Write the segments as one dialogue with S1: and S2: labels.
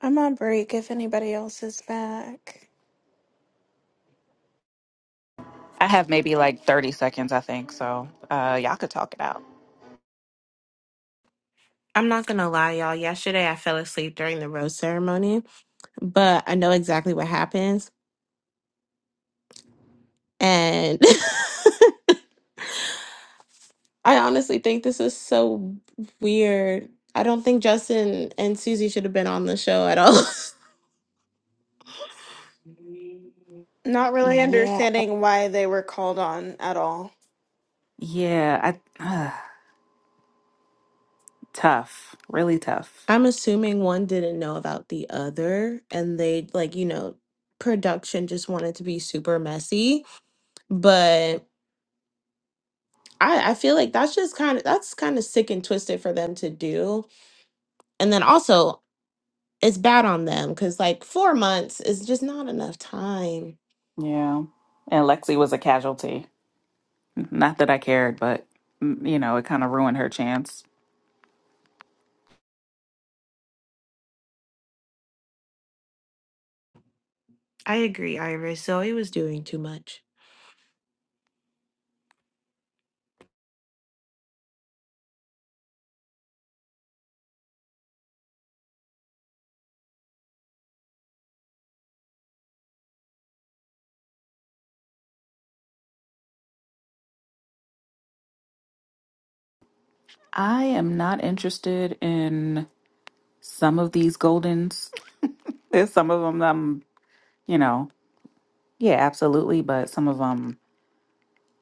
S1: I'm on break if anybody else is back.
S2: I have maybe like 30 seconds, I think. So uh, y'all could talk it out.
S3: I'm not gonna lie, y'all. Yesterday I fell asleep during the rose ceremony, but I know exactly what happens. And I honestly think this is so weird. I don't think Justin and Susie should have been on the show at all.
S1: Not really
S2: Yeah.
S1: understanding why they were called on at all.
S2: Yeah. I, uh, tough. Really tough.
S3: I'm assuming one didn't know about the other, and they, like, you know, production just wanted to be super messy. But I, I feel like that's just kind of that's kind of sick and twisted for them to do. And then also, it's bad on them because like four months is just not enough time.
S2: Yeah. And Lexi was a casualty. Not that I cared, but, mm, you know, it kind of ruined her chance.
S3: I agree, Iris. Zoe was doing too much.
S2: I am not interested in some of these Goldens. There's some of them that I'm, you know, yeah, absolutely. But some of them,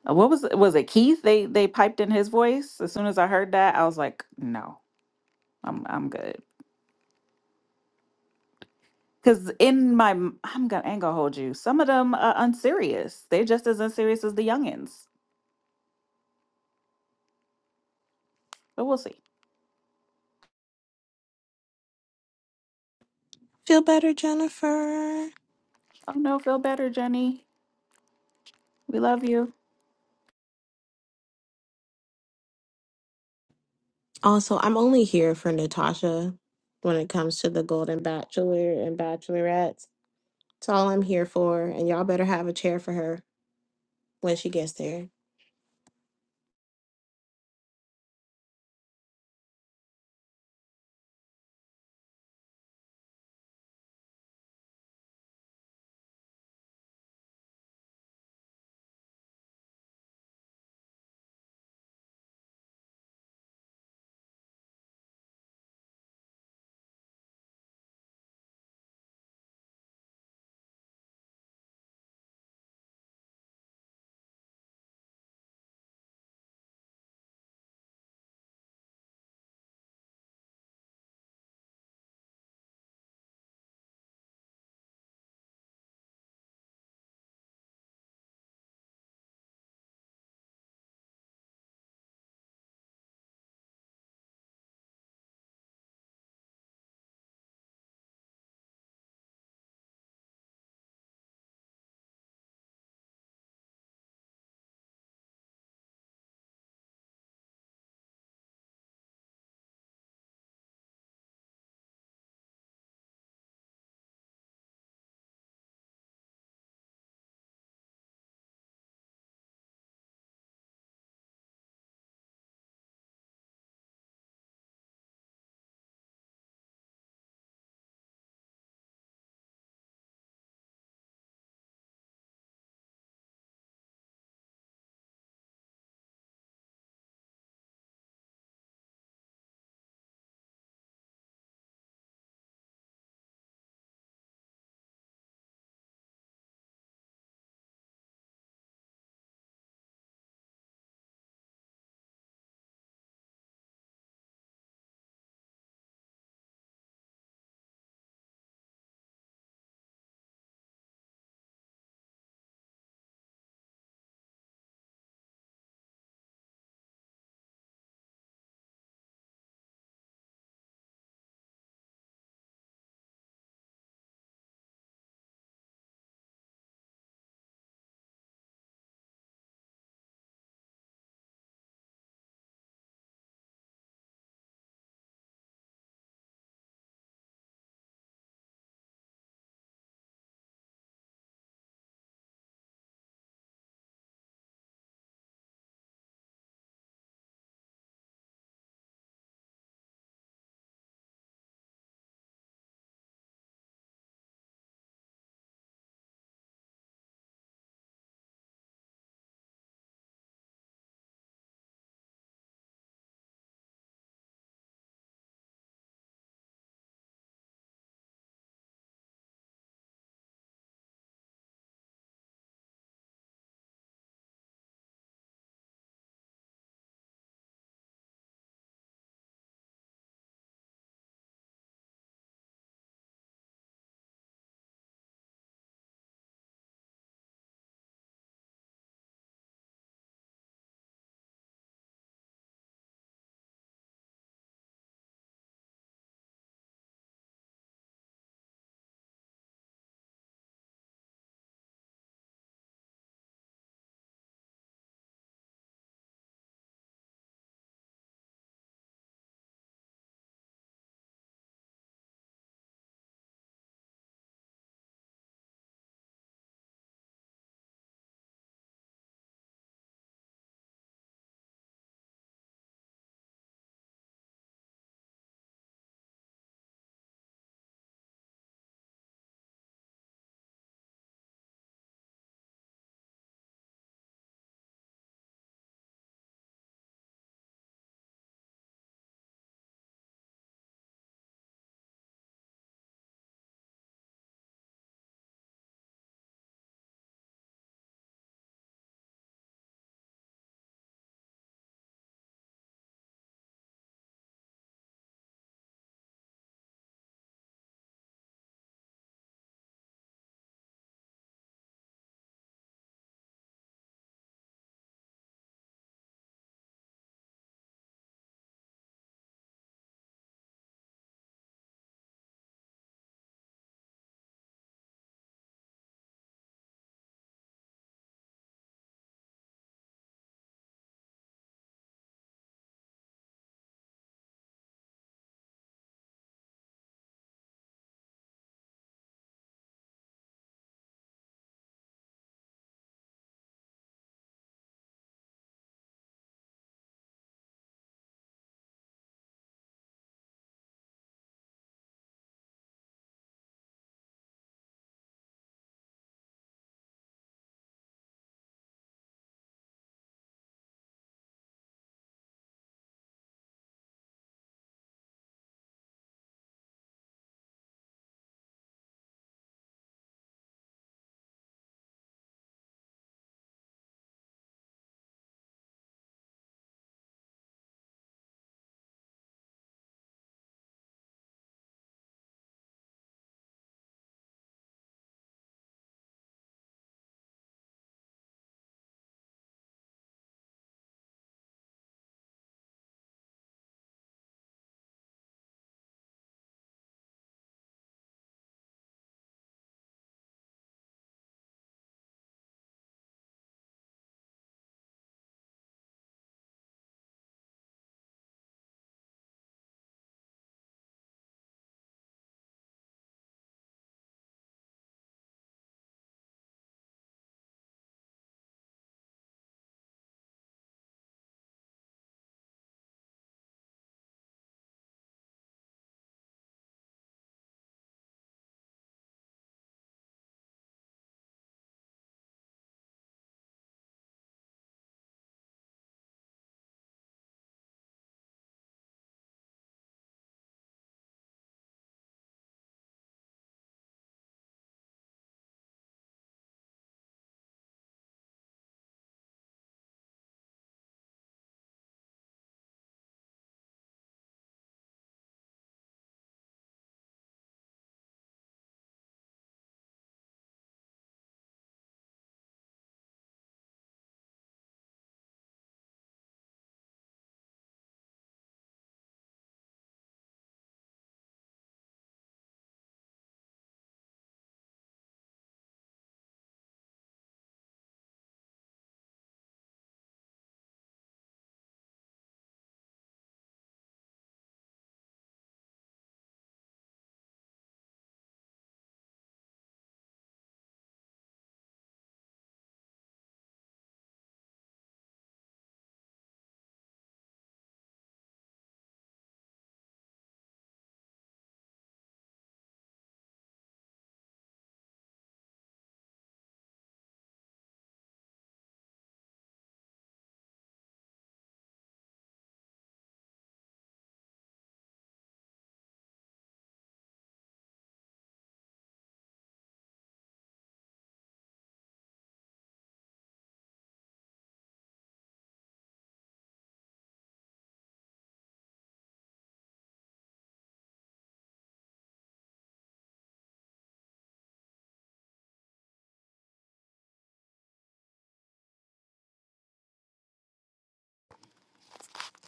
S2: what was it? Was it Keith? They they piped in his voice. As soon as I heard that, I was like, no, I'm I'm good. Because in my, m- I'm gonna, I ain't gonna hold you. Some of them are unserious. They're just as unserious as the youngins. But we'll see.
S3: Feel better, Jennifer.
S2: Oh no, feel better, Jenny. We love you.
S3: Also, I'm only here for Natasha when it comes to the Golden Bachelor and Bachelorettes. It's all I'm here for, and y'all better have a chair for her when she gets there.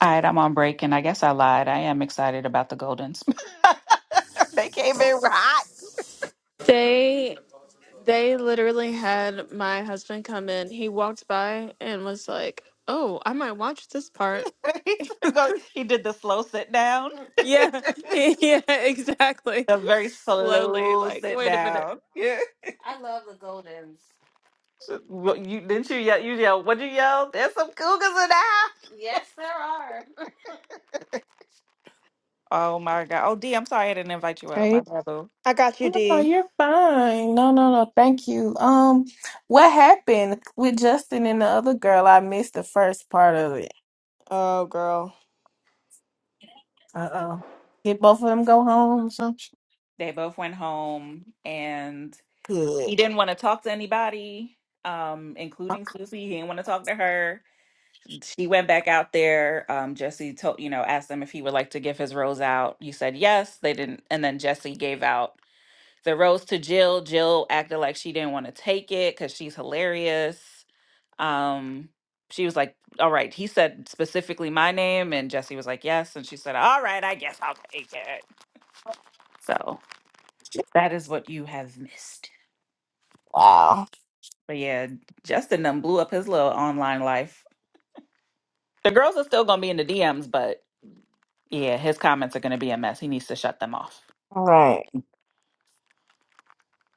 S2: All right, I'm on break, and I guess I lied. I am excited about the Goldens. they came in hot.
S1: They they literally had my husband come in. He walked by and was like, "Oh, I might watch this part."
S2: He's going he did the slow sit down,
S1: Yeah. yeah, exactly.
S2: the very
S1: Slowly
S2: slow
S1: like,
S2: sit
S1: "Wait a minute.
S2: down. Yeah. I love them. So, what you didn't you yell? You yell? What'd you yell? There's some cougars in the house. Yes, there are. Oh my God. Oh, D, I'm sorry I didn't invite you up. My
S4: Hey,
S2: brother.
S1: I got you,
S4: no, no, no,
S1: D."
S4: you're fine. No, no, no, thank you. Um, what happened with Justin and the other girl? I missed the first part of it.
S1: Oh, girl.
S4: Uh-oh. Did both of them go home or something?
S2: They both went home and
S4: Good.
S2: he didn't want to talk to anybody, um, including
S4: Okay.
S2: Susie. He didn't want to talk to her. She went back out there. Um, Jesse told, you know, asked him if he would like to give his rose out. He said yes. They didn't. And then Jesse gave out the rose to Jill. Jill acted like she didn't want to take it because she's hilarious. Um, she was like, all right. He said specifically my name, and Jesse was like, yes. And she said, all right, I guess I'll take it. So that is what you have missed.
S4: Wow.
S2: But yeah, Justin done blew up his little online life. The girls are still gonna be in the DMs, but yeah, his comments are gonna be a mess. He needs to shut them off.
S4: All right.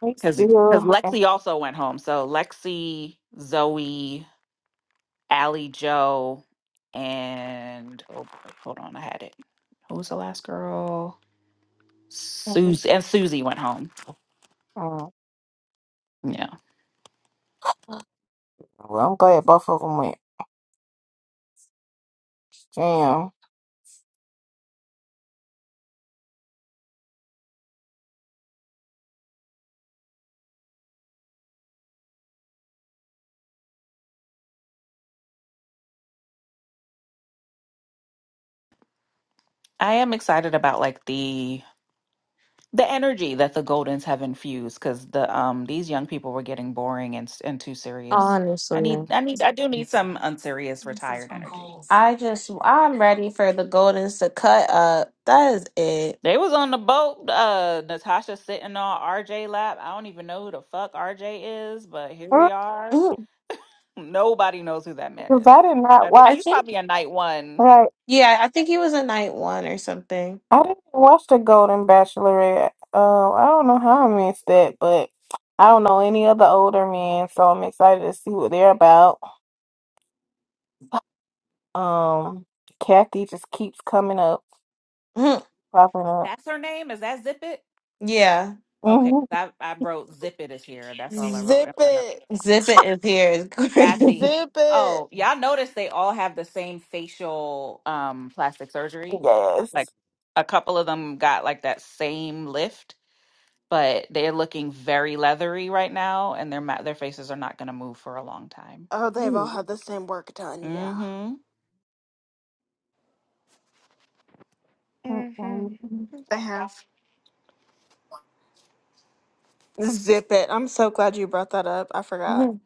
S4: We
S2: Cause because
S4: still. at-
S2: Lexi also went home. So Lexi, Zoe, Allie Joe, and oh boy, hold on, I had it. Who was the last girl? Susie and Susie went home.
S4: Oh,
S2: Yeah.
S4: Well, I'm glad both of them went. Damn.
S2: I am excited about like the the energy that the Goldens have infused because the um these young people were getting boring and s- and too serious. I
S3: Honestly.
S2: need I need I do need some unserious retired energy.
S3: I just I'm ready for the Goldens to cut up. That is it.
S2: They was on the boat, uh Natasha sitting on RJ lap. I don't even know who the fuck RJ is, but here
S4: All
S2: we
S4: right,
S2: are.
S3: Mm.
S2: Nobody knows who that man
S4: 'cause
S2: is.
S4: I did
S2: I
S4: not
S2: think he's
S4: watch.
S2: probably a night one.
S3: Yeah, I think he was in night one or something.
S4: I didn't watch the Golden Bachelorette. Um, I don't know how I missed that, but I don't know any of the older men, so I'm excited to see what they're about. Um, Kathy just keeps coming up,
S3: Mhm.
S4: popping up.
S2: That's her name? Is that Zip It?
S3: yeah.
S2: Okay,
S4: hmm
S2: 'cause I, I wrote Zip It is here. That's all I wrote in
S1: Zip
S2: my notes.
S1: it.
S3: Zip it is here is great.
S2: Kathy.
S1: Zip it.
S2: Oh, y'all notice they all have the same facial um plastic surgery. Like
S4: Yes.
S2: a couple of them got like that same lift, but they're looking very leathery right now and their ma- their faces are not going to move for a long time.
S1: Oh, they've all had the same work done. Yeah.
S2: Mhm.
S1: Mhm.
S4: mm
S1: They have. Zip it. I'm so glad you brought that up. I forgot.
S3: Mhm.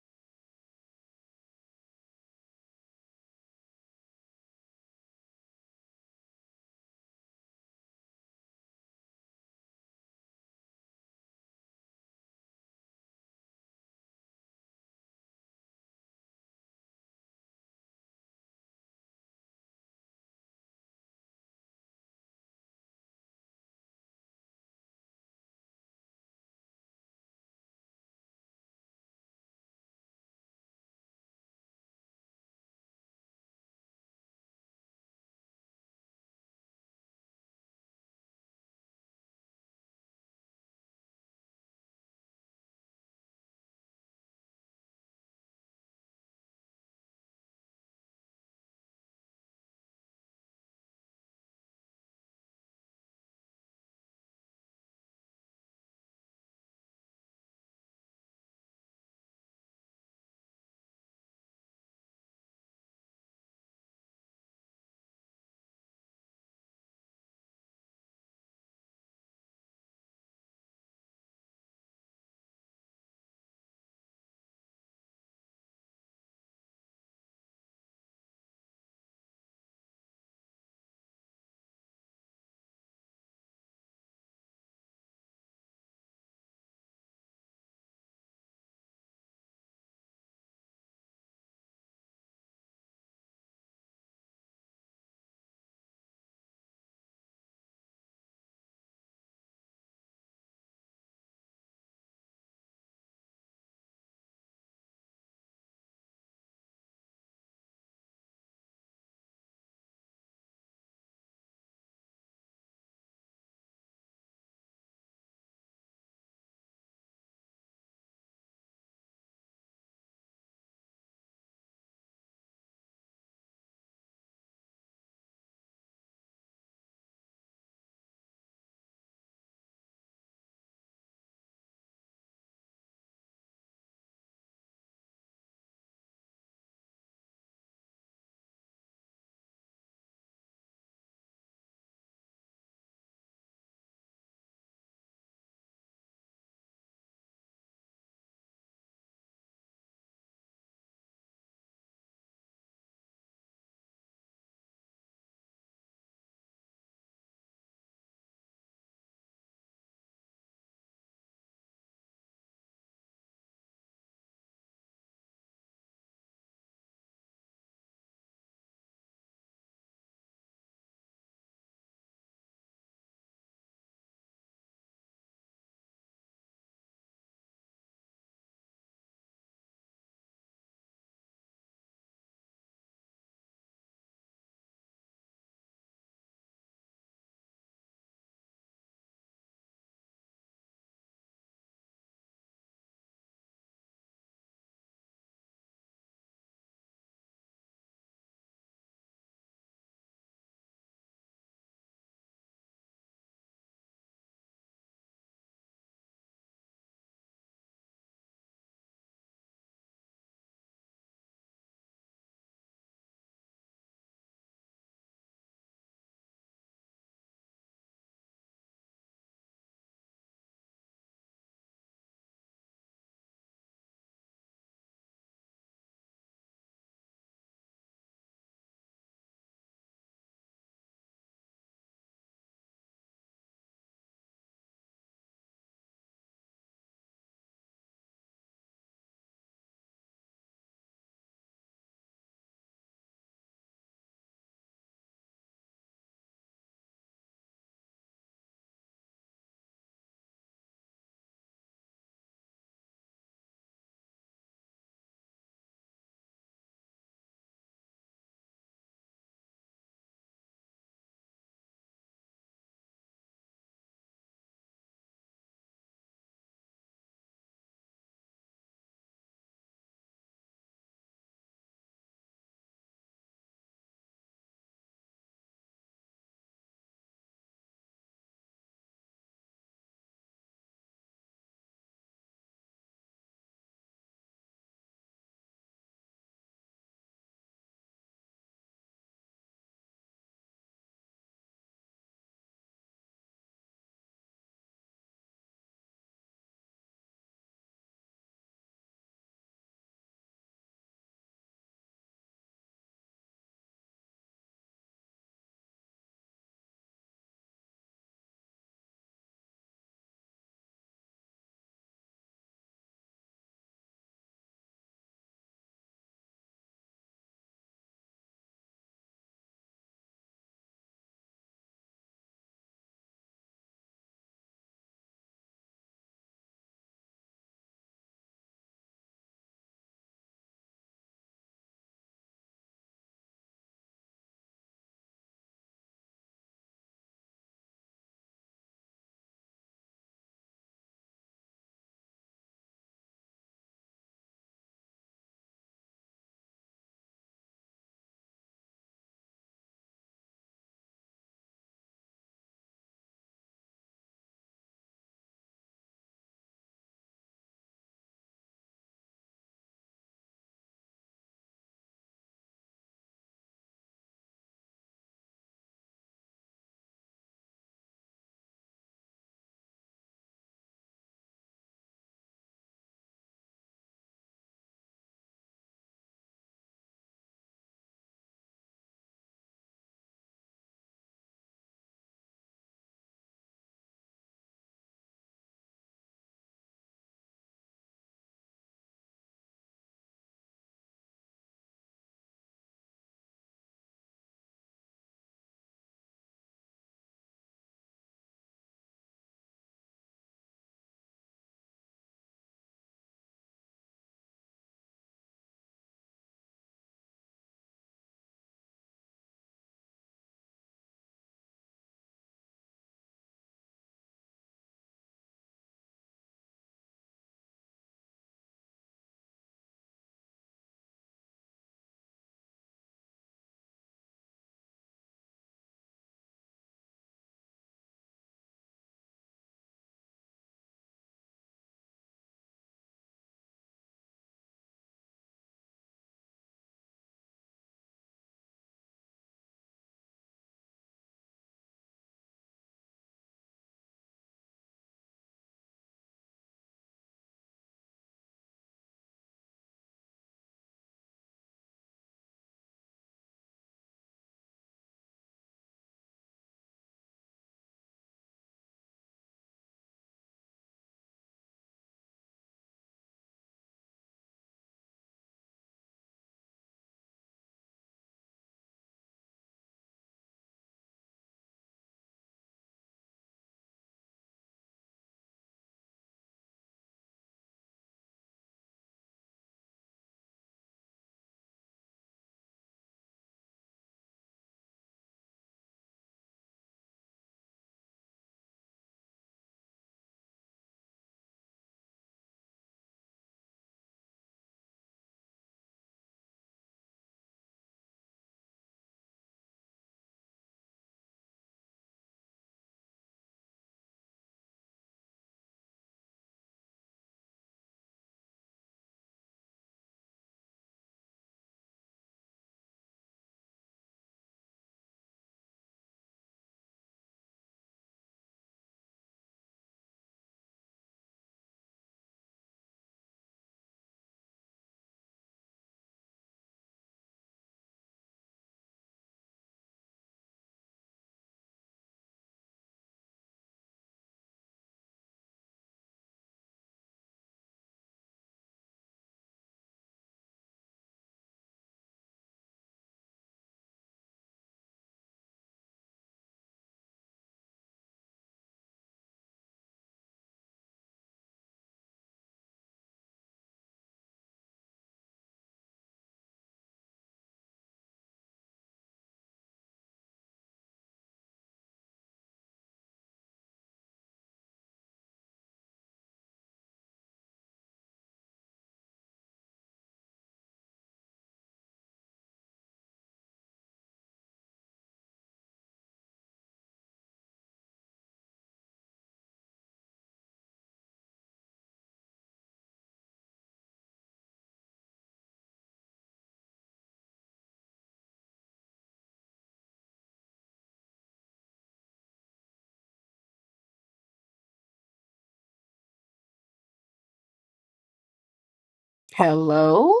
S4: Hello?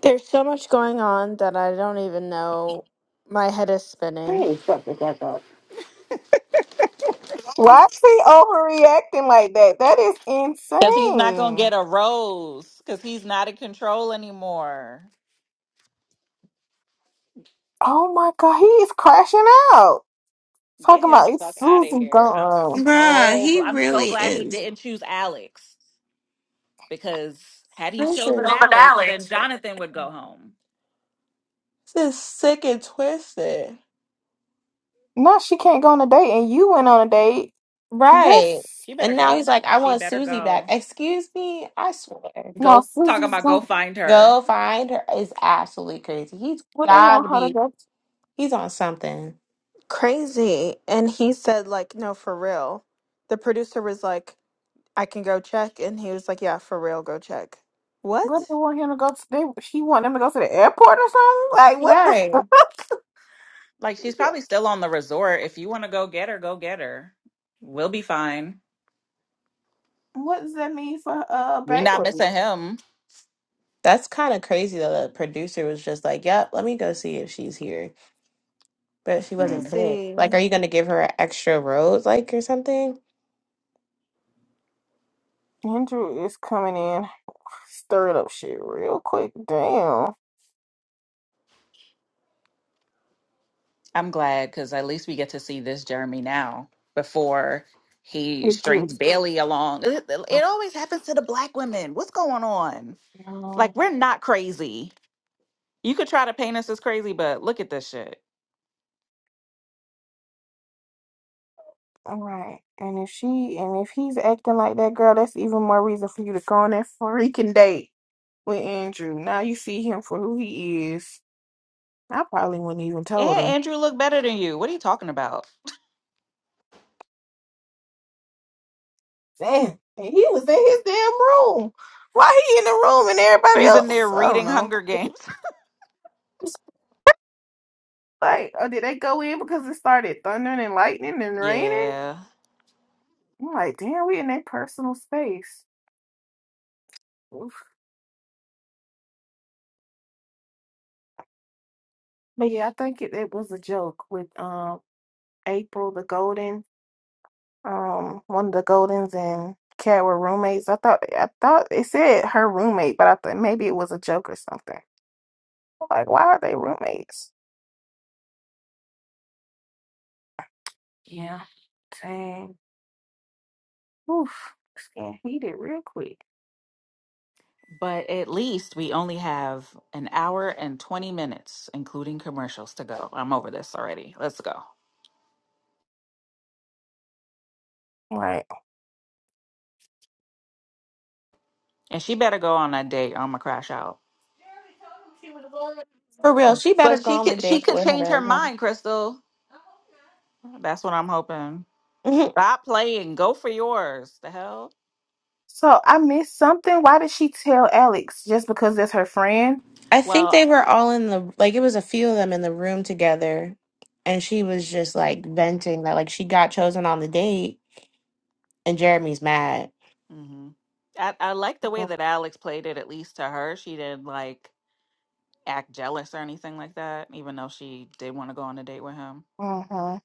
S1: There's so much going on that I don't even know. My head is spinning.
S4: Why is he overreacting like that? That is
S2: Cuz he's not going to
S4: insane.
S2: get a rose cuz he's not in control anymore.
S4: Oh my god, he is crashing out.
S2: Get
S4: Talking
S2: him
S4: about
S2: the
S4: it's
S2: fuck out of
S4: Susan
S2: here. I'm
S4: gone.
S3: Bruh,
S2: so
S3: he
S2: gl- I'm so
S3: really
S2: glad he
S3: is.
S2: didn't choose Alex because had he
S3: this is
S2: chosen Alex, then Jonathan would go home.
S3: Just sick and twisted.
S4: No, she can't go on a date, and you went on a date.
S3: right.
S4: That's
S2: She better
S3: And now he's
S2: go.
S3: like, I
S2: She
S3: want
S2: better
S3: Susie back.
S2: go.
S3: Excuse me, I swear.
S4: no,
S2: Go talking
S4: Susie's
S2: about go
S4: going.
S2: find her.
S3: Go find her is absolutely crazy. He's
S4: What they want
S3: gotta
S4: her to
S3: be
S4: go?
S3: he's on something.
S1: Crazy. And he said, like, no, for real. The producer was like, I can go check. And he was like, yeah, for real, go check.
S4: What
S1: What?
S4: they want him to go? To, they she want them to go to the airport or something? Like what the?
S3: Right.
S4: fuck?
S2: Like she's
S4: Yeah.
S2: probably still on the resort. If you want to go get her, go get her. We'll be fine.
S4: What does that mean for uh
S2: We're not
S4: Bailey?
S2: missing him.
S3: That's kind of crazy though. The producer was just like, "Yep, let me go see if she's here," but she wasn't
S2: Mm.
S3: picked. Like,
S1: Crazy.
S3: are you gonna give her an extra rose, like, or something?
S4: Andrew is coming in, stirring up shit real quick. Damn,
S2: I'm glad because at least we get to see this Jeremy now before he
S4: it
S2: strings
S4: gets.
S2: Bailey along. It,
S4: oh,
S2: it always happens to the black women. What's going on?
S4: No.
S2: Like we're not crazy. You could try to paint us as crazy, but look at this shit.
S4: All right, and if she and if he's acting like that girl, that's even more reason for you to go on that freaking date with Andrew. Now you see him for who he is I probably wouldn't even told
S2: And
S4: him.
S2: Andrew looked better than you. What are you talking about?
S4: Damn, and he was in his damn room. Why he in the room and everybody
S2: He's in there
S4: else? I don't
S2: reading
S4: know.
S2: Hunger Games.
S4: It's like, oh, did they go in because it started thundering and lightning and raining?
S2: Yeah,
S4: I'm like, damn, we in their personal space. Oof. But yeah, I think it, it was a joke with um April the Golden, um one of the Goldens and Cat were roommates. I thought I thought it said her roommate, but I thought maybe it was a joke or something. Like, why are they roommates? Yeah, dang. Oof, this getting heated real quick.
S2: but at least we only have an hour and 20 minutes, including commercials, to go. I'm over this already. Let's go.
S4: Right.
S2: And she better go on that date. or I'm gonna crash out.
S3: For real, she better
S2: But
S3: go
S2: she
S3: on the
S2: could she
S3: date
S2: could
S3: with
S2: change her
S3: her.
S2: mind, Crystal. That's what I'm hoping.
S3: Mhm.
S2: Stop playing. Go for yours. The hell.
S4: So I missed something. Why did she tell Alex just because that's her friend?
S3: I think
S2: Well,
S3: they were all in the like. It was a few of them in the room together, and she was just like venting that like she got chosen on the date, and Jeremy's mad.
S2: mhm. I I like the way
S4: Mhm.
S2: that Alex played it. At least to her, she didn't like. act jealous or anything like that, even though she did want to go on a date with him.
S4: hmm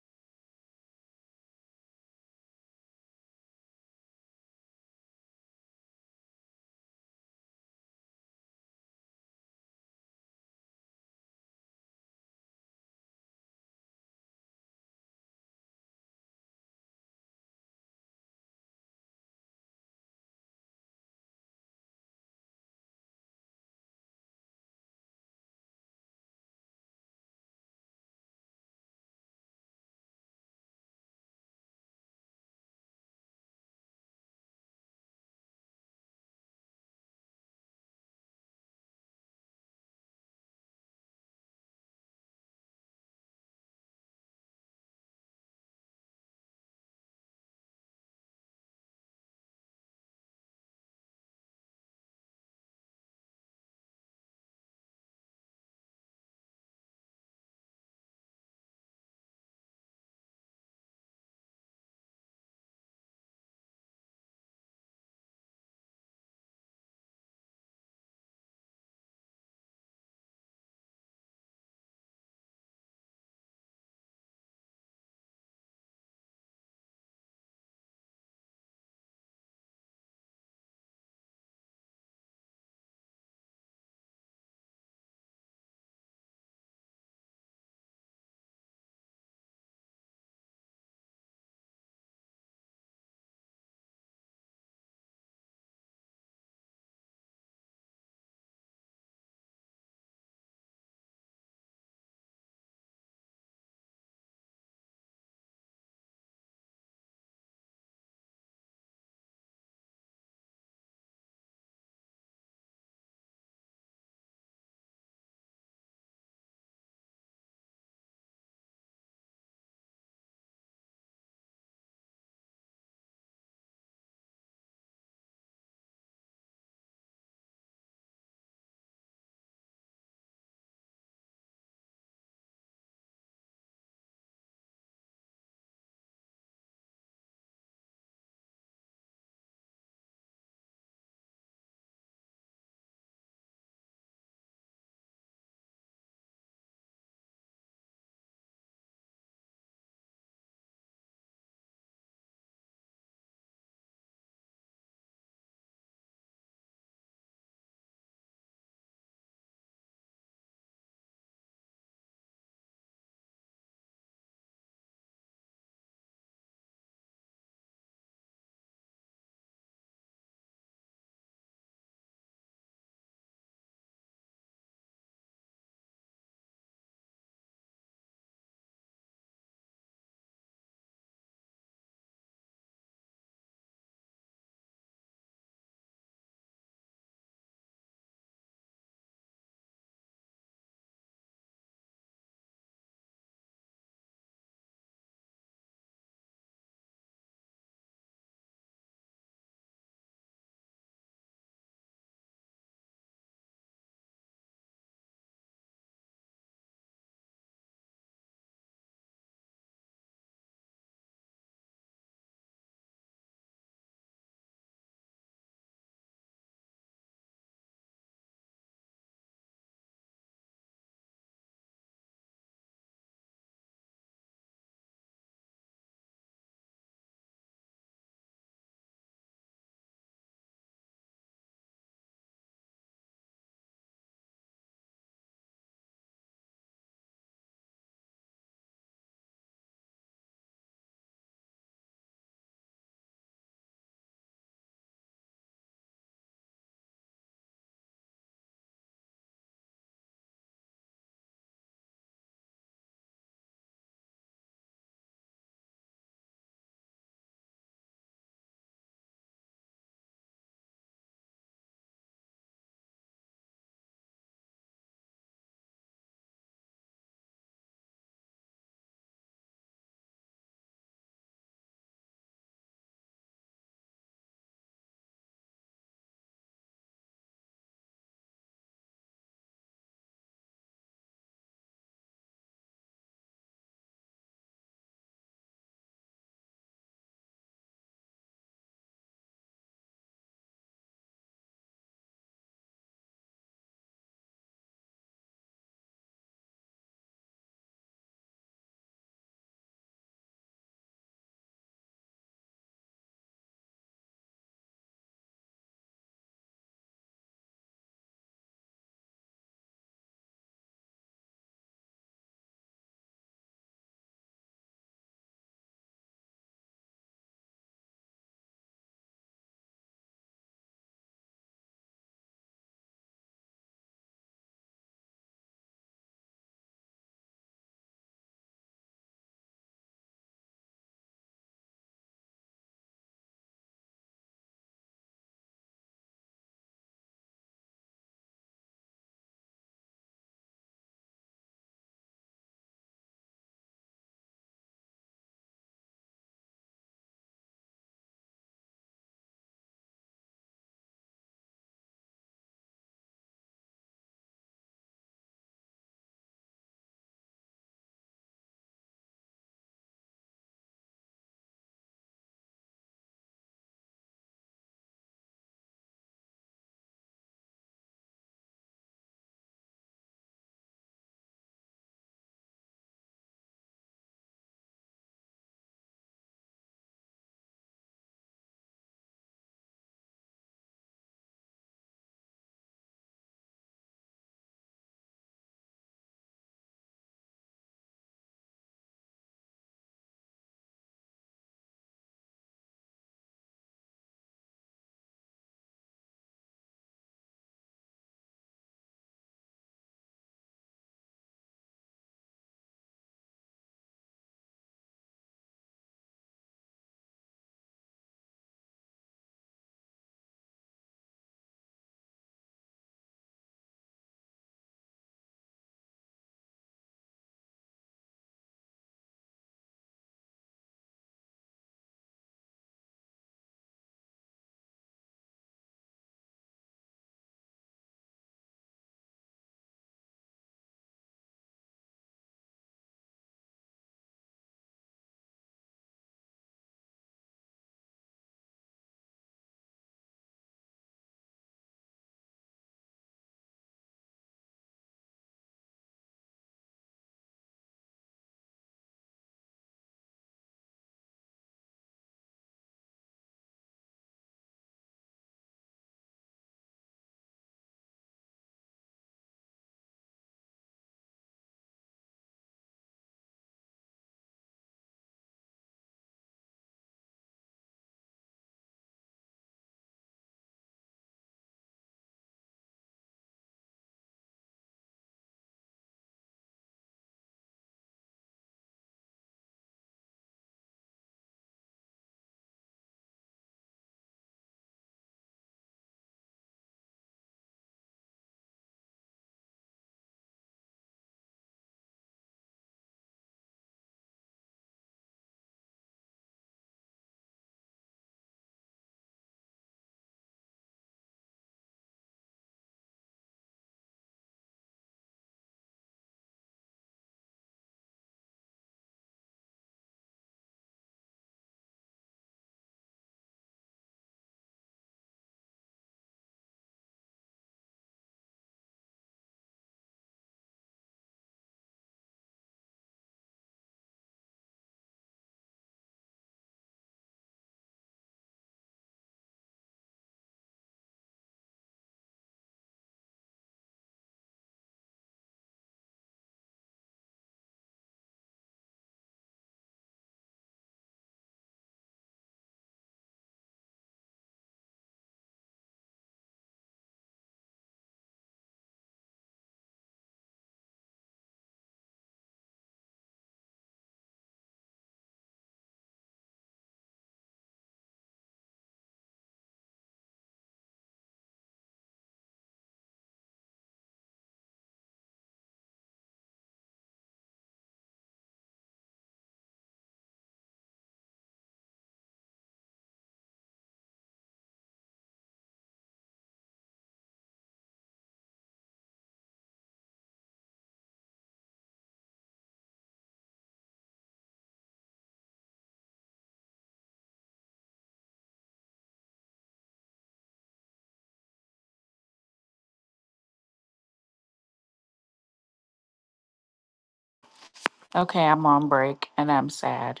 S2: Okay, I'm on break and I'm sad.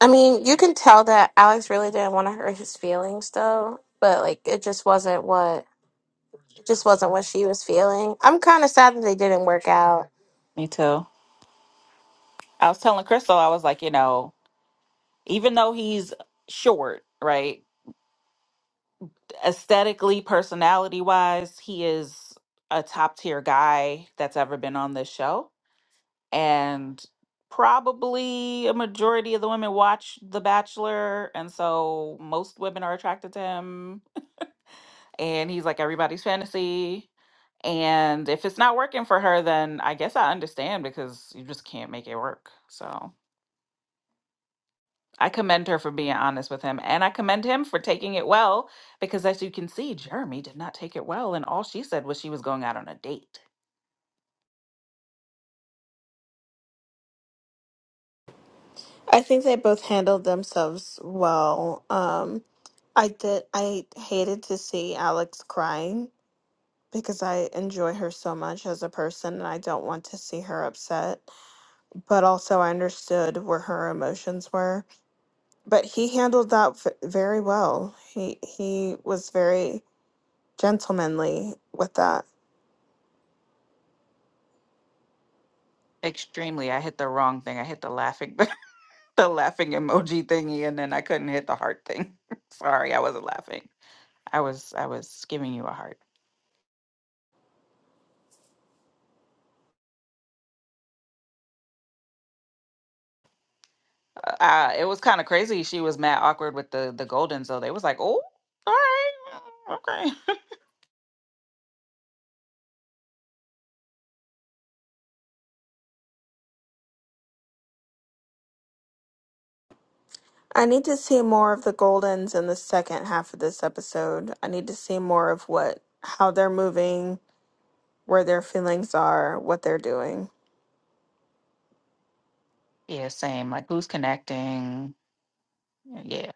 S3: I mean, you can tell that Alex really didn't want to hurt his feelings though, but like it just wasn't what just wasn't what she was feeling. I'm kind of sad that they didn't work out.
S2: Me too. I was telling Crystal, I was like, you know, even though he's short, right? Aesthetically, personality wise, he is a top tier guy that's ever been on this show. and probably a majority of the women watch The Bachelor, and so most women are attracted to him. And he's like everybody's fantasy. And if it's not working for her, then I guess I understand because you just can't make it work. So. I commend her for being honest with him, and I commend him for taking it well because, as you can see, Jeremy did not take it well, and all she said was she was going out on a date.
S1: I think they both handled themselves well. Um, I did. I hated to see Alex crying because I enjoy her so much as a person, and I don't want to see her upset. But also, I understood where her emotions were. But he handled that v- very well. He he was very gentlemanly with that.
S2: Extremely, I hit the wrong thing. I hit the laughing, the laughing emoji thingy, and then I couldn't hit the heart thing. Sorry, I wasn't laughing. I was, I was giving you a heart. uh, it was kind of crazy. She was mad awkward with the the Goldens, though. They was like, "Oh, all right, okay."
S1: I need to see more of the Goldens in the second half of this episode. I need to see more of what how they're moving, where their feelings are, what they're doing.
S2: Yeah, same. Like, who's connecting? Yeah.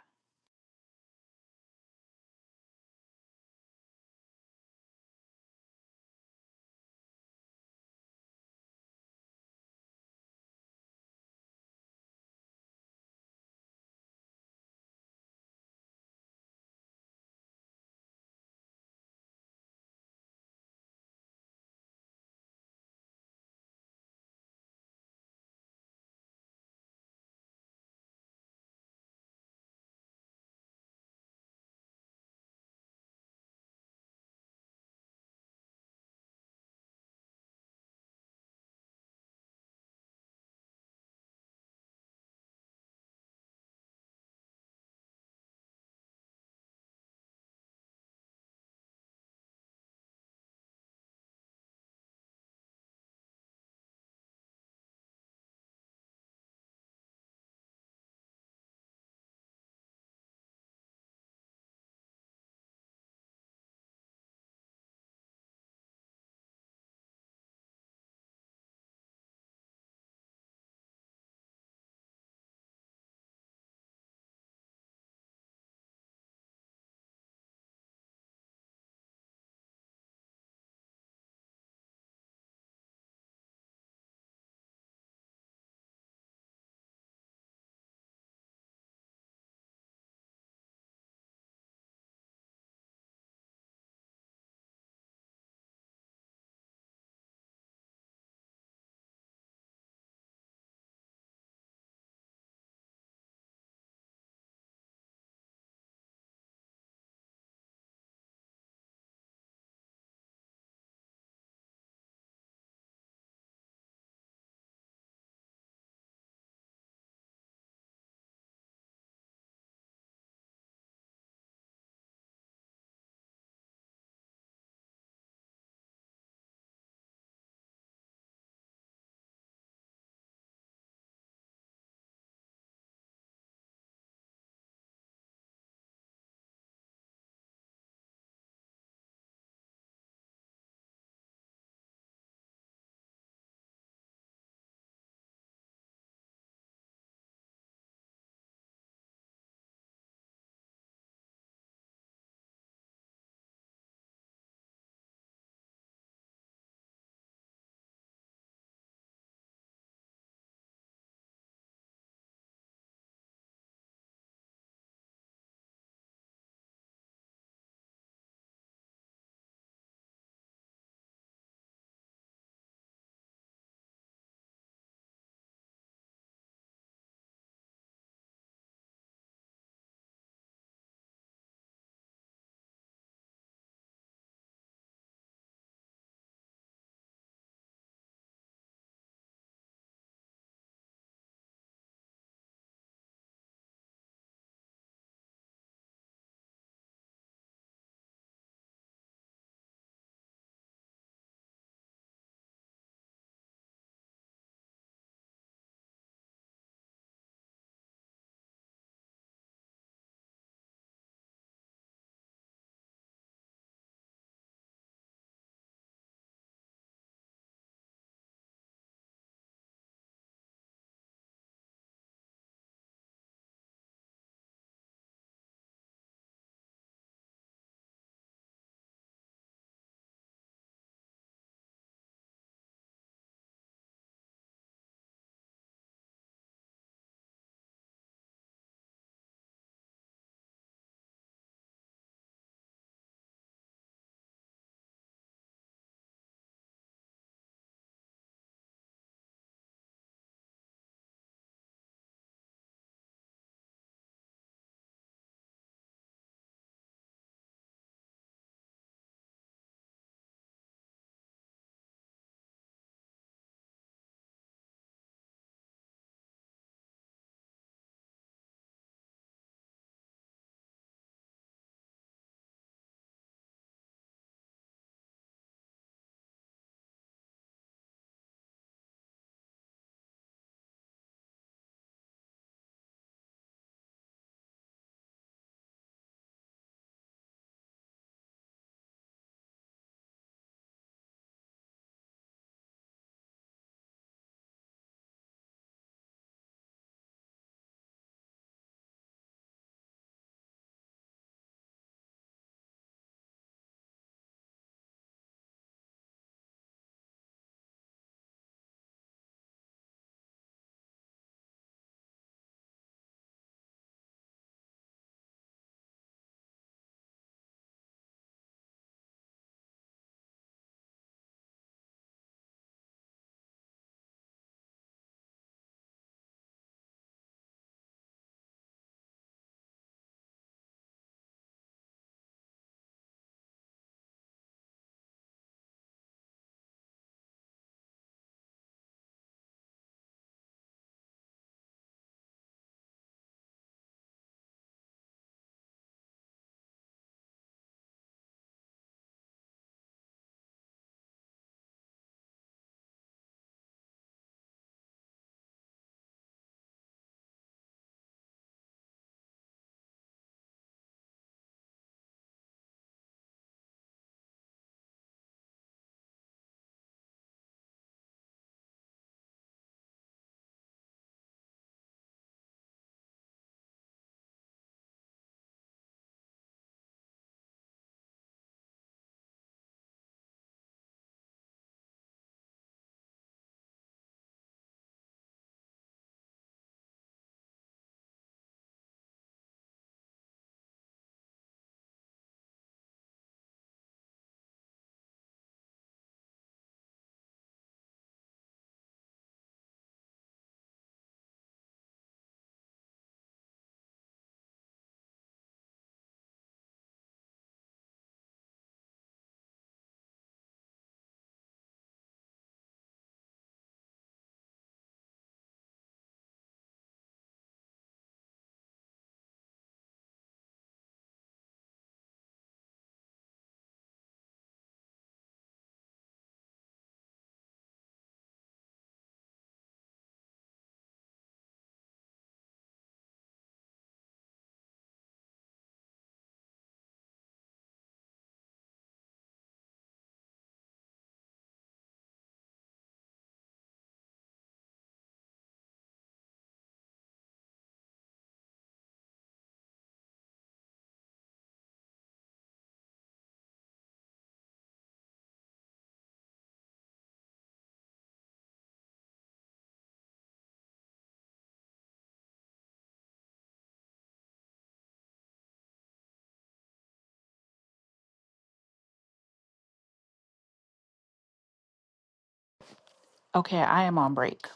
S2: Okay, I am on break.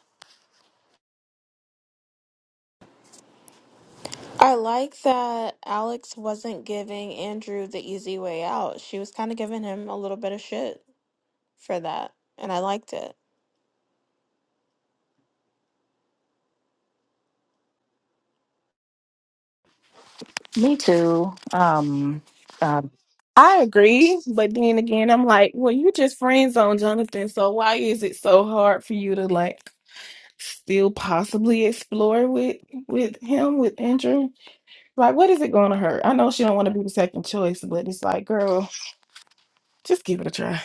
S1: I like that Alex wasn't giving Andrew the easy way out. She was kind of giving him a little bit of shit for that, and I liked it.
S2: Me too. Um, uh,
S4: I agree, but then again, I'm like, well, you just friends on Jonathan, so why is it so hard for you to like still possibly explore with with him with Andrew? Like, what is it going to hurt? I know she don't want to be the second choice, but it's like, girl, just give it a try.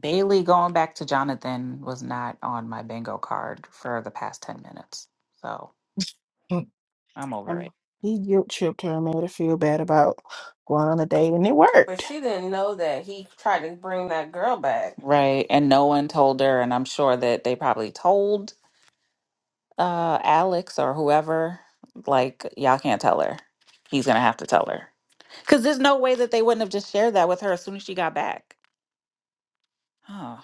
S2: Bailey going back to Jonathan was not on my bingo card for the past ten minutes, so
S4: Mm.
S2: I'm over
S4: And
S2: it.
S4: he guilt tripped her and made her feel bad about going on a date, and it
S2: But
S4: worked.
S2: she didn't know that he tried to bring that girl back. Right, and no one told her, and I'm sure that they probably told. uh Alex or whoever, like y'all can't tell her. He's gonna have to tell her. Cause there's no way that they wouldn't have just shared that with her as soon as she got back. Oh,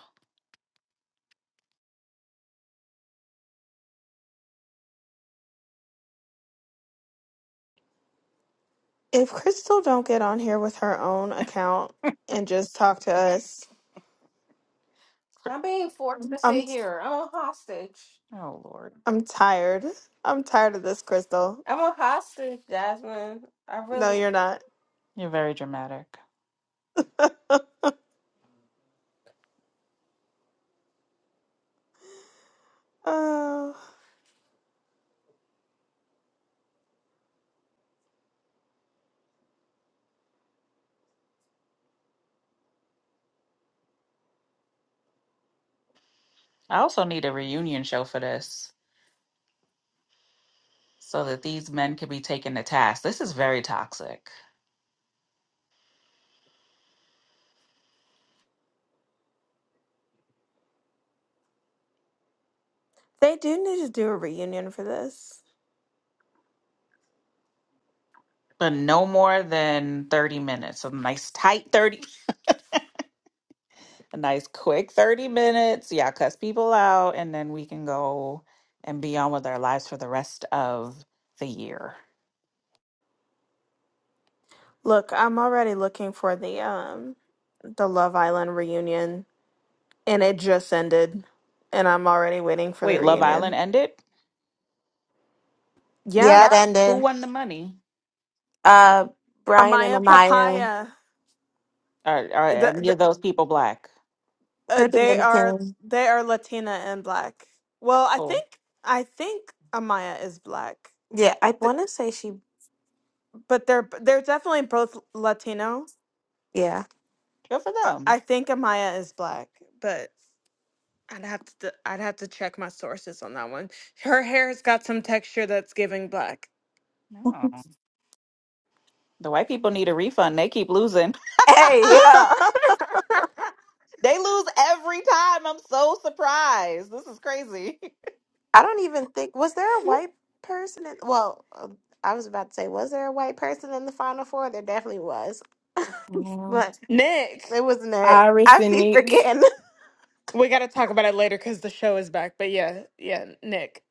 S1: If Crystal don't get on here with her own account and just talk to us,
S2: I'm being forced to
S1: I'm
S2: sit here. I'm a hostage. oh Lord.
S1: I'm tired. I'm tired of this, Crystal.
S2: I'm a, I
S1: No,
S2: really.
S1: you're not.
S2: You're very dramatic.
S1: Oh.
S2: I also need a reunion show for this so that these men can be taken to task. This is very toxic.
S1: They do need to do a reunion for this.
S2: But no more than 30 minutes. A nice tight 30. a nice quick 30 minutes. Yeah, cuss people out, and then we can go and be on with our lives for the rest of the year.
S1: Look, I'm already looking for the um the Love Island reunion and it just ended and I'm already waiting for the
S2: Wait, Love Island
S1: reunion.
S2: ended?
S1: Yeah.
S3: Yeah, it Yeah.
S2: Who
S3: ended.
S2: won the money?
S3: Uh, Brian and
S1: Amaya
S3: Amaya,
S1: Papaya.
S2: Are, are
S1: The,
S2: are any
S1: the,
S2: of those people black?
S1: uh,
S3: they're
S1: they are
S3: Dominican.
S1: they are Latina and black. Well, I
S2: Oh,
S1: think I think Amaya is black.
S3: Yeah, I
S1: Th-
S3: want to say she.
S1: But they're they're definitely both Latino.
S3: Yeah.
S2: good for
S1: Uh,
S2: them.
S1: I think Amaya is black, but I'd have to i I'd have to check my sources on that one. Her hair's got some texture that's giving black.
S2: No. The white people need a refund. They keep losing.
S3: Hey, yeah.
S2: they lose every time. I'm so surprised. This is crazy.
S3: I don't even think was there a white person. In, well, um, I was about to say, was there a white person in the final four? There definitely was,
S4: Yeah.
S3: but
S1: Nick,
S3: it wasn't. it.
S4: Iris
S3: I
S4: and
S3: be
S4: Nick.
S3: forgetting.
S1: we got to talk about it later cuz the show is back. But yeah, yeah, Nick.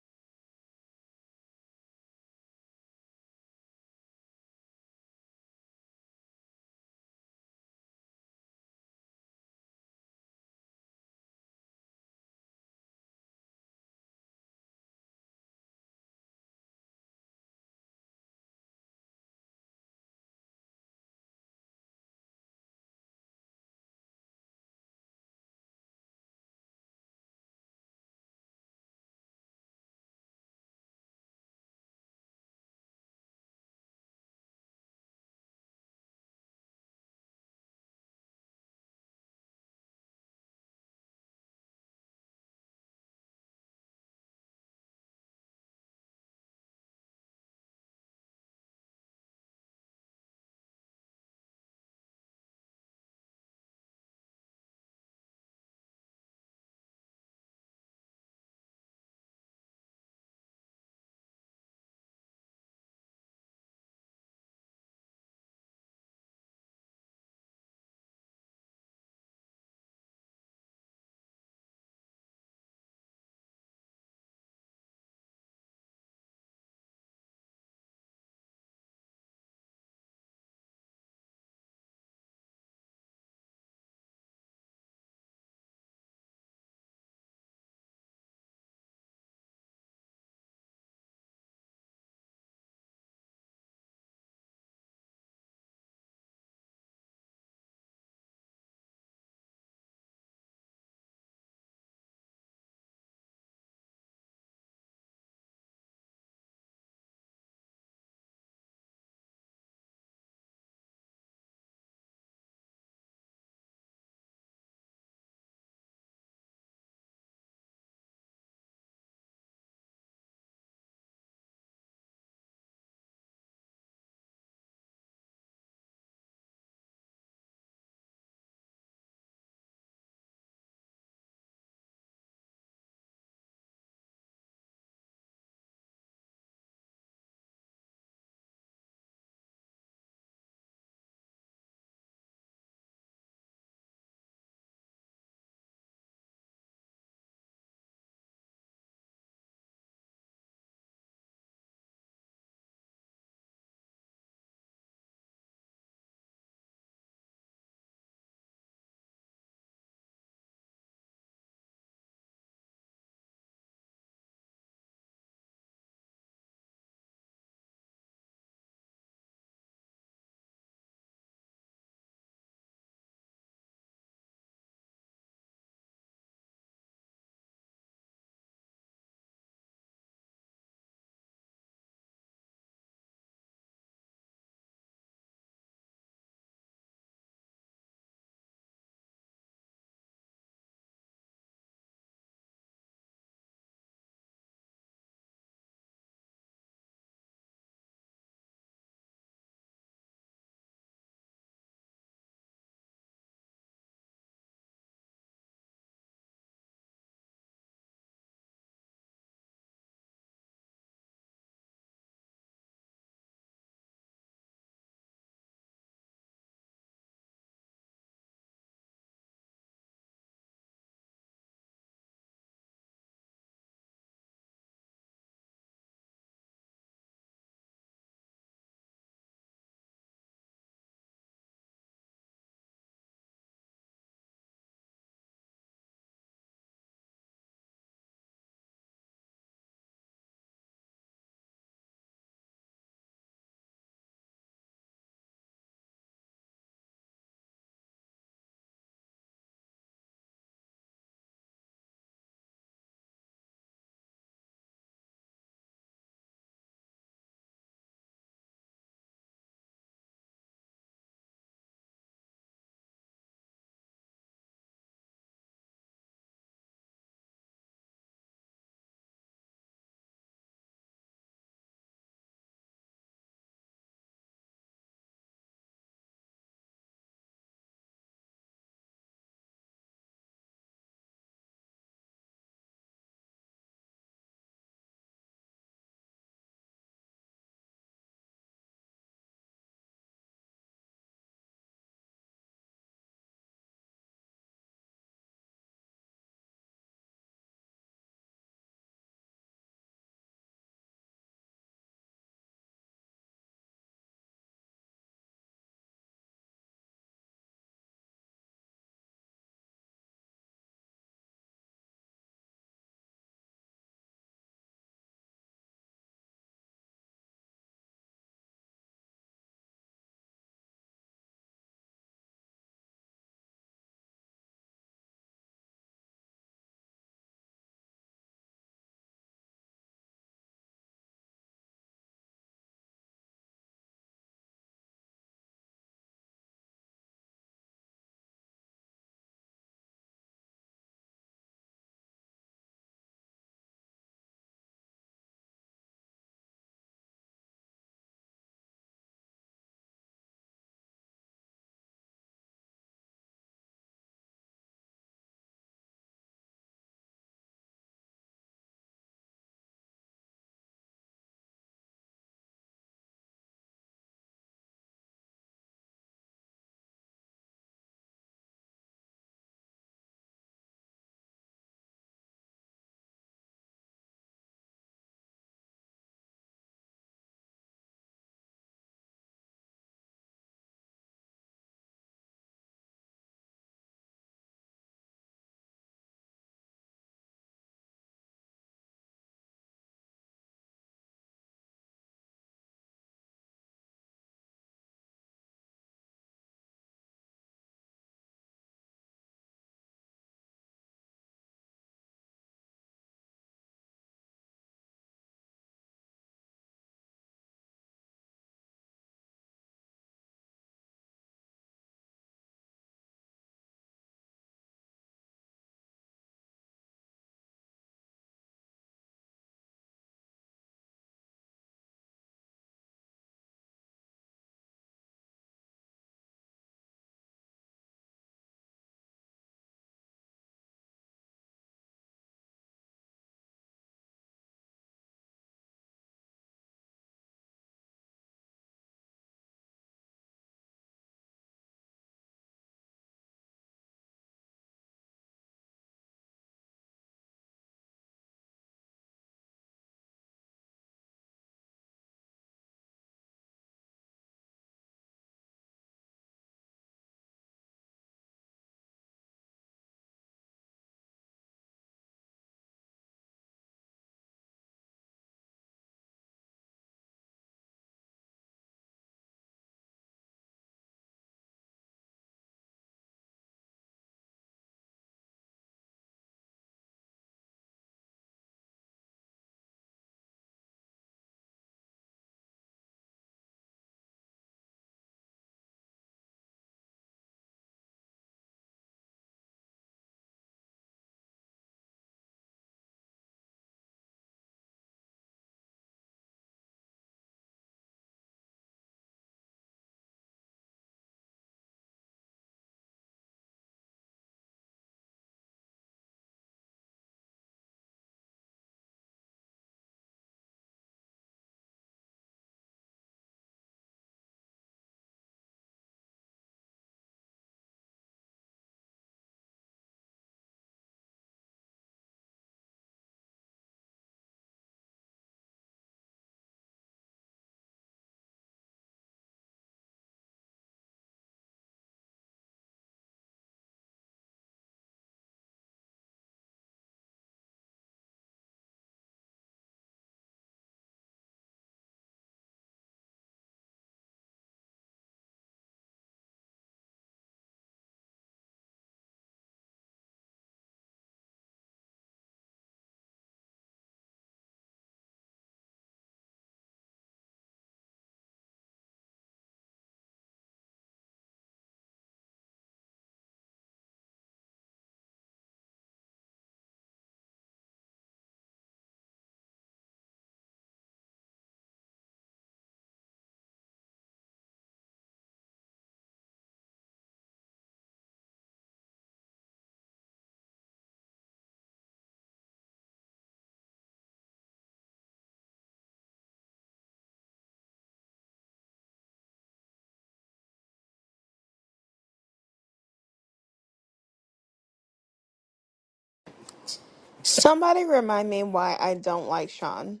S1: Somebody remind me why I don't like Sean.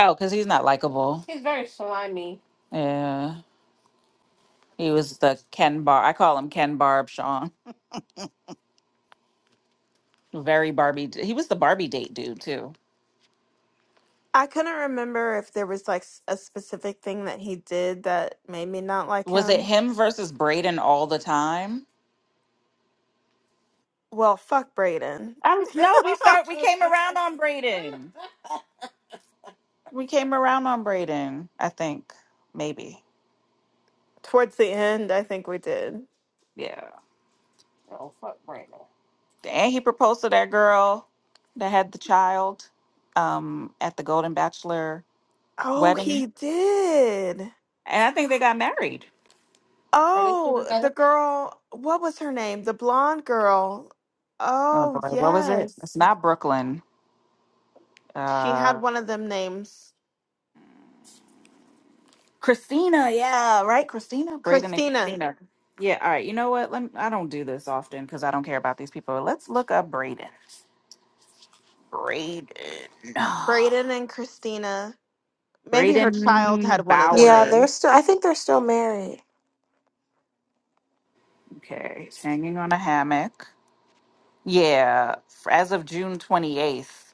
S2: Oh, because he's not likable. He's very slimy. Yeah. He was the Ken Barb. I call him Ken Barb Sean. Very Barbie. d- He was the Barbie date dude too.
S1: I couldn't remember if there was like s- a specific thing that he did that made me not like
S2: Was it
S1: him.
S2: him versus Braden all the time?
S1: Well, fuck Brayden.
S2: I, no, we start. We came around on Braden. We came around on Braden. I think maybe.
S1: Towards the end, I think we did.
S2: Yeah. Oh fuck, Brandon. And he proposed to that girl that had the child um, at the Golden Bachelor
S1: Oh,
S2: wedding,
S1: he did.
S2: and I think they got married. Are they still
S1: Oh,
S2: together?
S1: the girl, what was her name? The blonde girl.
S2: Oh
S1: Oh,
S2: boy, what was it?
S1: yes.
S2: It's not Brooklyn.
S1: She
S2: Uh,
S1: had one of them names.
S2: Christina, yeah, right, Christina, Braden, and
S1: Christina.
S2: Christina. Yeah, all right. You know what? Let me, I don't do this often because I don't care about these people. Let's look up Braden. Braden,
S1: Braden and Christina. Maybe her child
S2: Braden
S1: had one of them
S3: Yeah,
S2: Bauer.
S3: they're still. I
S1: names.
S3: think they're still married.
S2: Okay, he's hanging on a hammock. Yeah, f- as of June twenty eighth,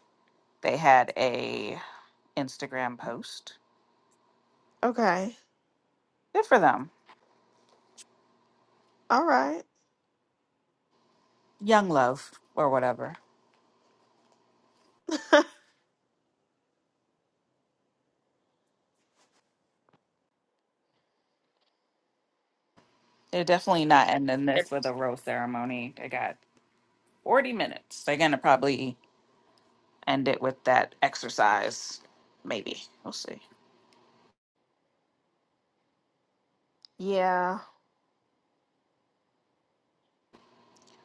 S2: they had a Instagram post.
S1: Okay.
S2: Good for them.
S1: All right.
S2: Young love or whatever. They're definitely not ending this with a rose ceremony. They got forty minutes. They're gonna probably end it with that exercise. Maybe we'll see.
S1: Yeah.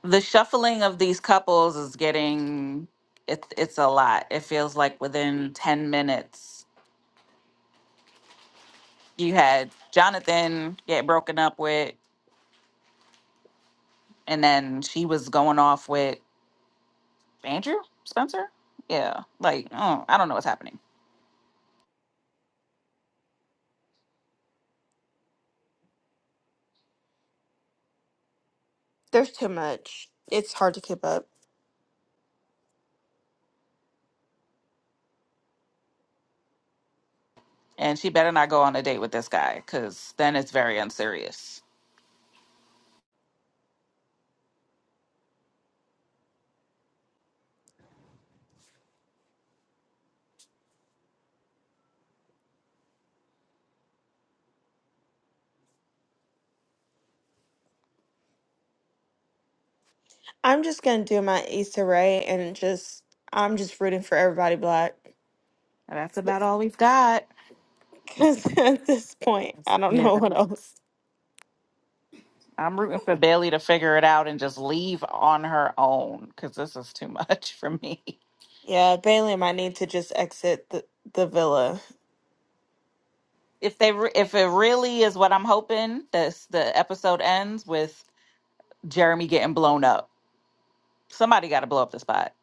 S2: The shuffling of these couples is getting it's it's a lot. It feels like within ten minutes you had Jonathan get broken up with, and then she was going off with Andrew Spencer. Yeah, like oh, I don't know what's happening.
S1: There's too much. It's hard to keep up.
S2: And she better not go on a date with this guy, because then it's very unserious.
S1: I'm just gonna do my Issa Rae and just I'm just rooting for everybody black.
S2: That's about all we've got.
S1: Because at this point, I don't know what else.
S2: I'm rooting for Bailey to figure it out and just leave on her own because this is too much for me.
S1: Yeah, Bailey might need to just exit the, the villa.
S2: If they, re- if it really is what I'm hoping, this the episode ends with Jeremy getting blown up. Somebody got to blow up the spot.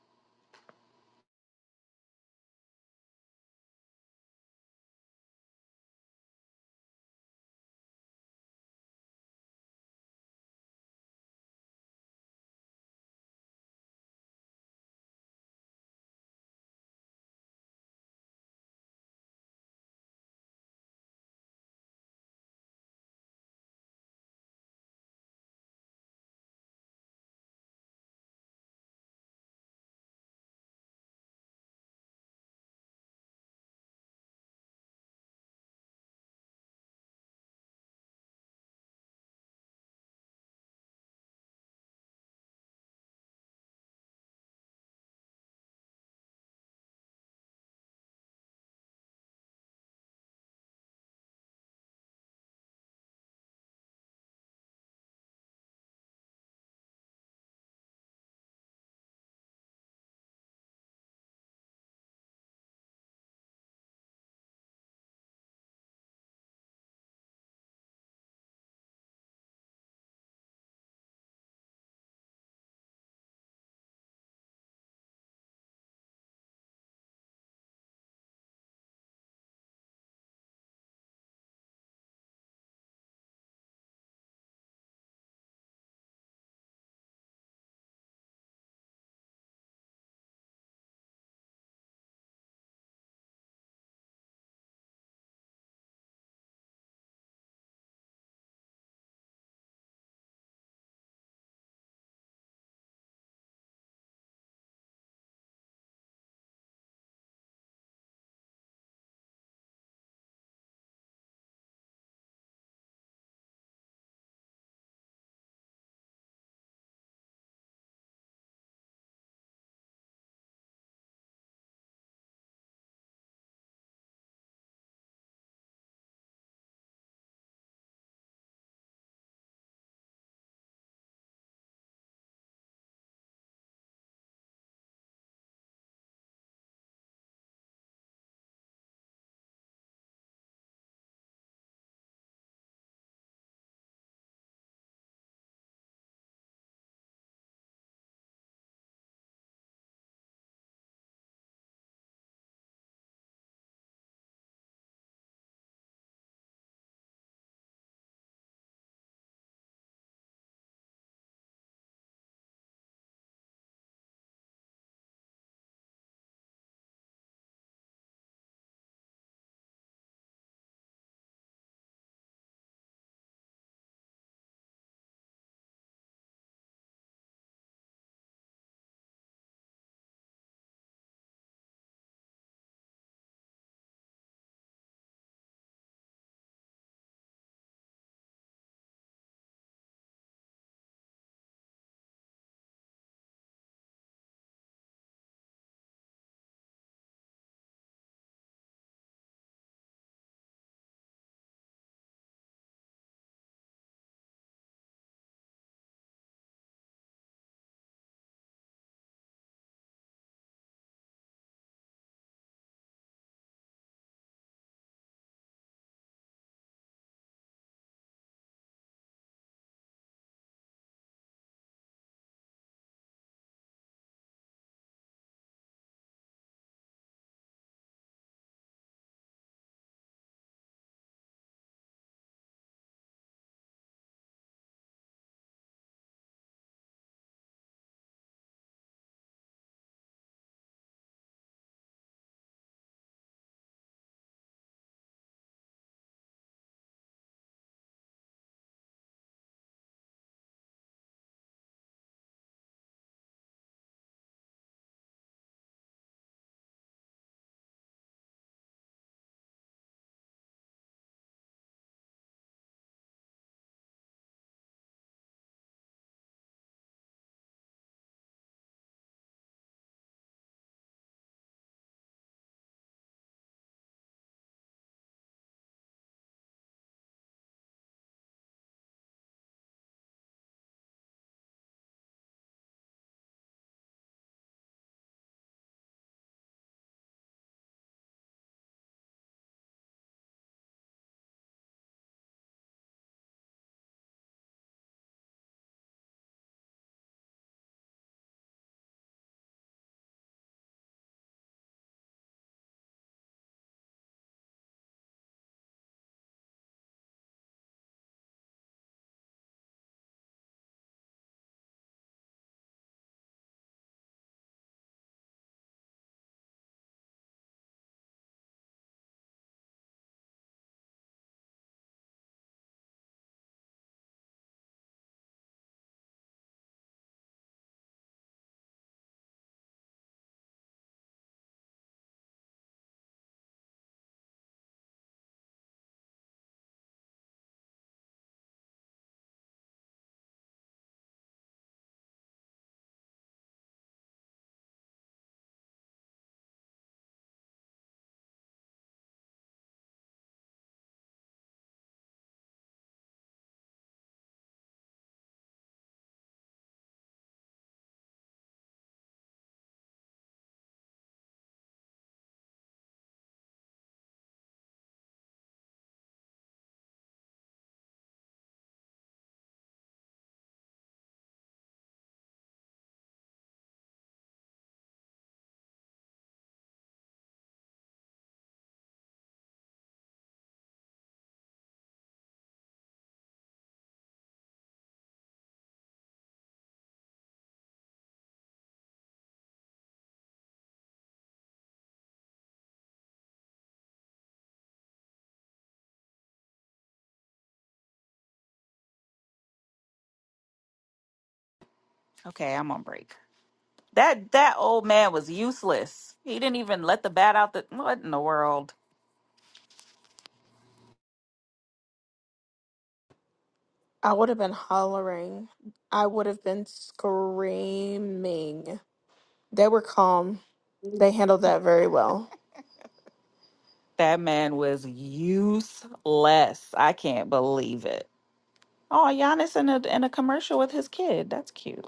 S2: Okay, I'm on break. That that old man was useless. He didn't even let the bat out. The what in the world?
S1: I would have been hollering. I would have been screaming. They were calm. They handled that very well.
S2: That man was useless. I can't believe it. Oh, Giannis in a in a commercial with his kid. That's cute.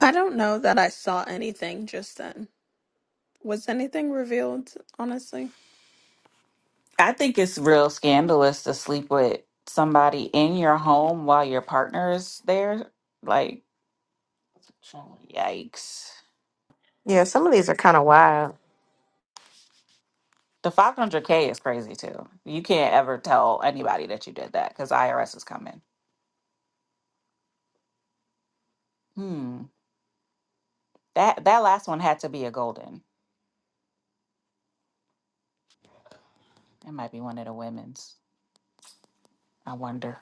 S1: I don't know that I saw anything just then. Was anything revealed, honestly?
S2: I think it's real scandalous to sleep with somebody in your home while your partner is there. Like, yikes.
S3: Yeah, some of these are kind of wild.
S2: The 500K is crazy too. You can't ever tell anybody that you did that because IRS is coming. Hmm. That that last one had to be a golden. It might be one of the women's. I wonder.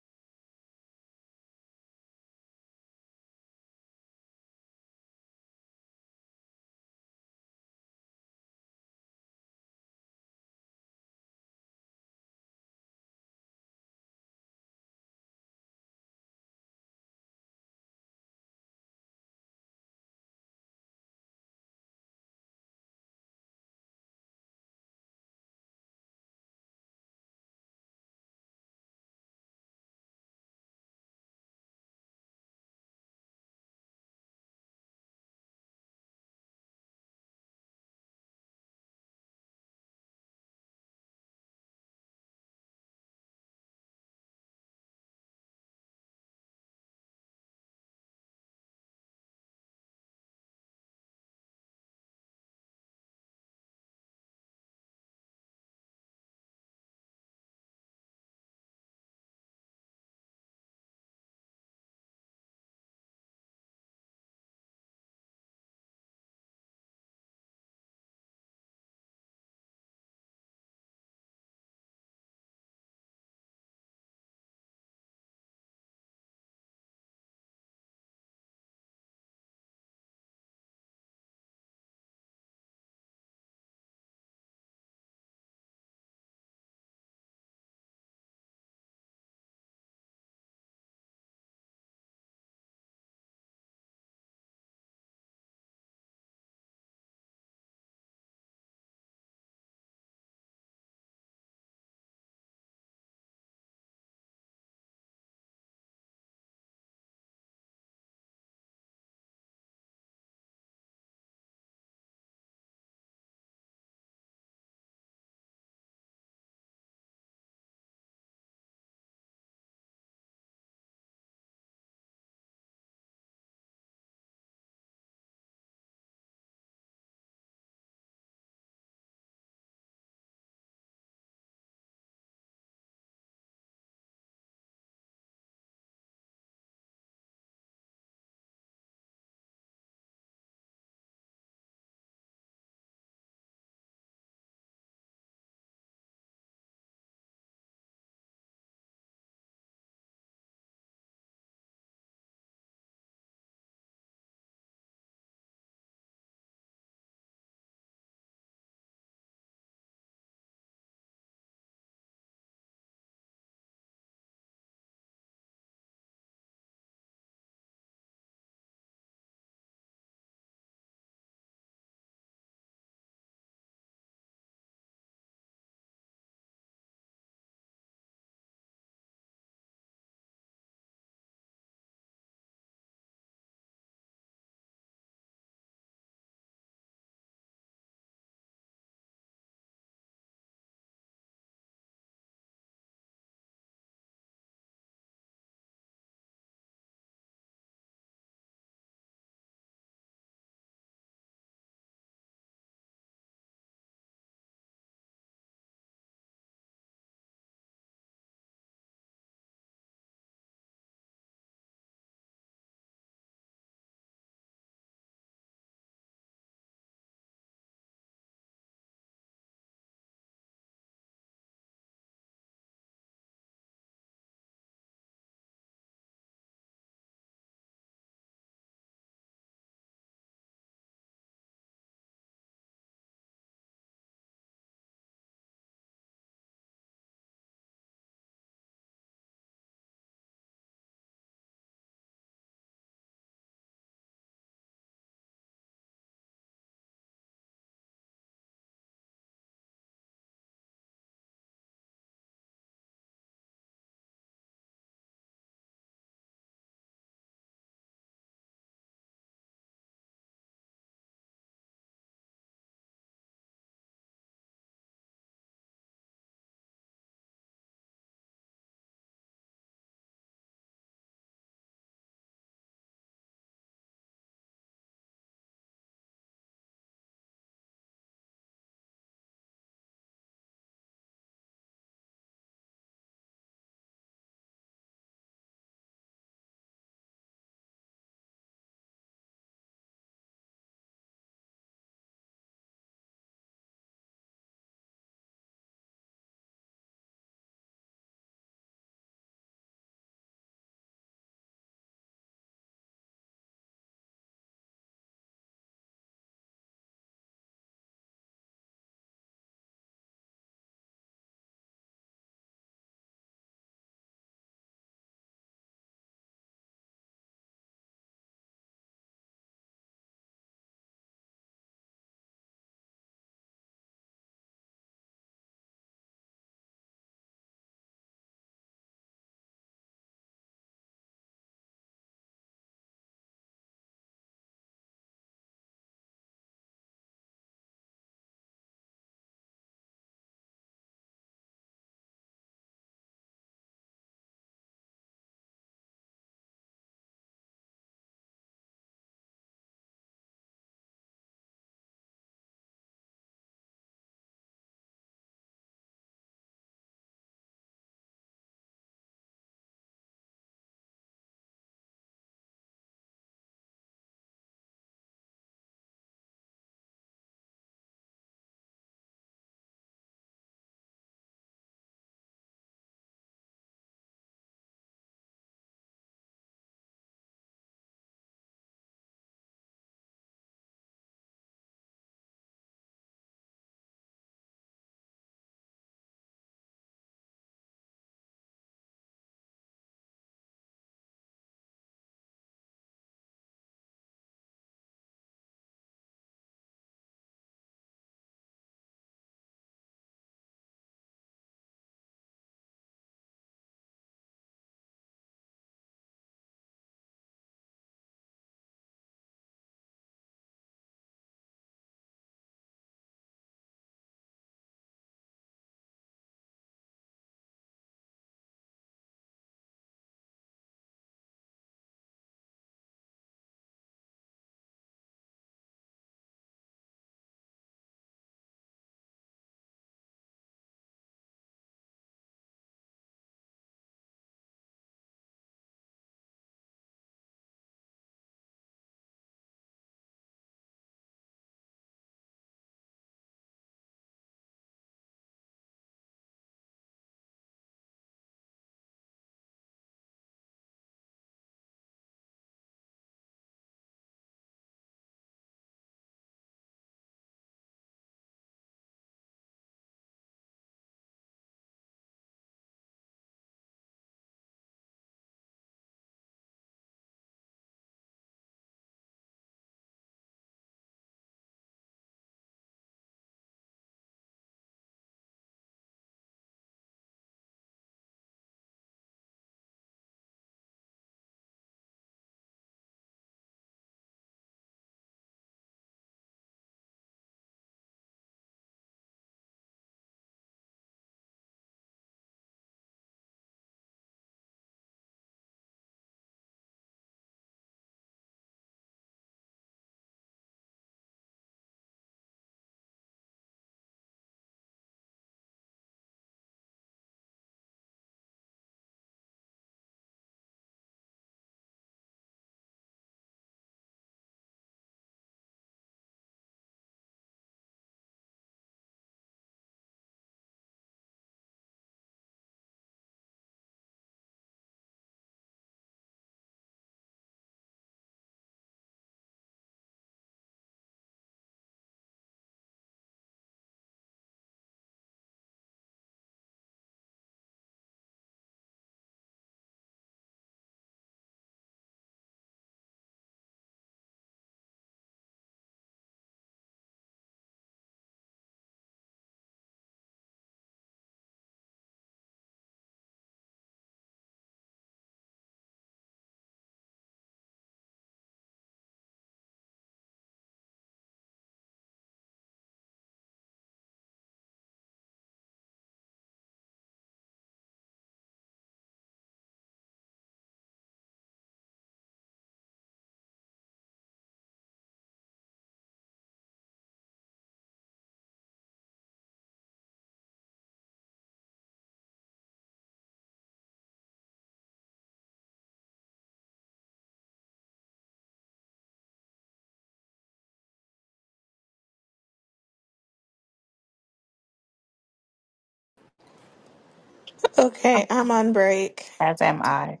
S1: Okay,
S2: Um,
S1: I'm on break.
S2: As am I.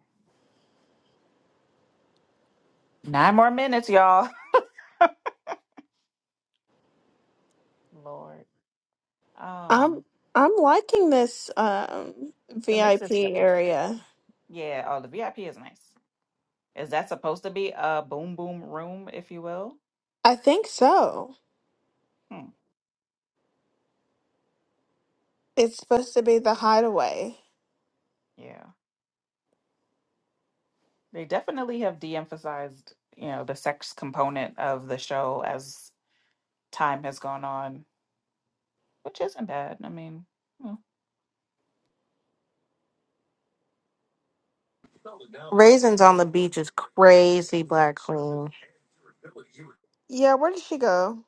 S2: Nine more minutes, y'all. Lord. Um,
S1: I'm I'm liking this um
S2: the mix
S1: VIP
S2: is good.
S1: area.
S2: Yeah. Oh, the VIP is nice. Is that supposed to be a boom boom room, if you will?
S1: I think so.
S2: Hmm.
S1: It's supposed to be the hideaway.
S2: Yeah. They definitely have de-emphasized, you know, the sex component of the show as time has gone on, which isn't bad. I mean, hmm.
S3: Raisins on the beach is crazy, Black Queen.
S1: Yeah, where did she go?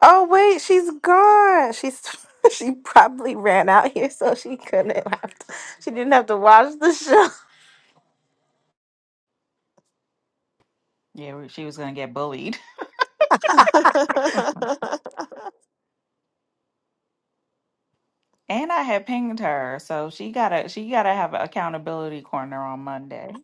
S3: Oh wait, she's gone. She's she probably ran out here so she couldn't have to, she didn't have to watch the show.
S2: yeah, we- she was gonna get bullied, and I had pinged her, so she gotta she gotta have an accountability corner on Monday.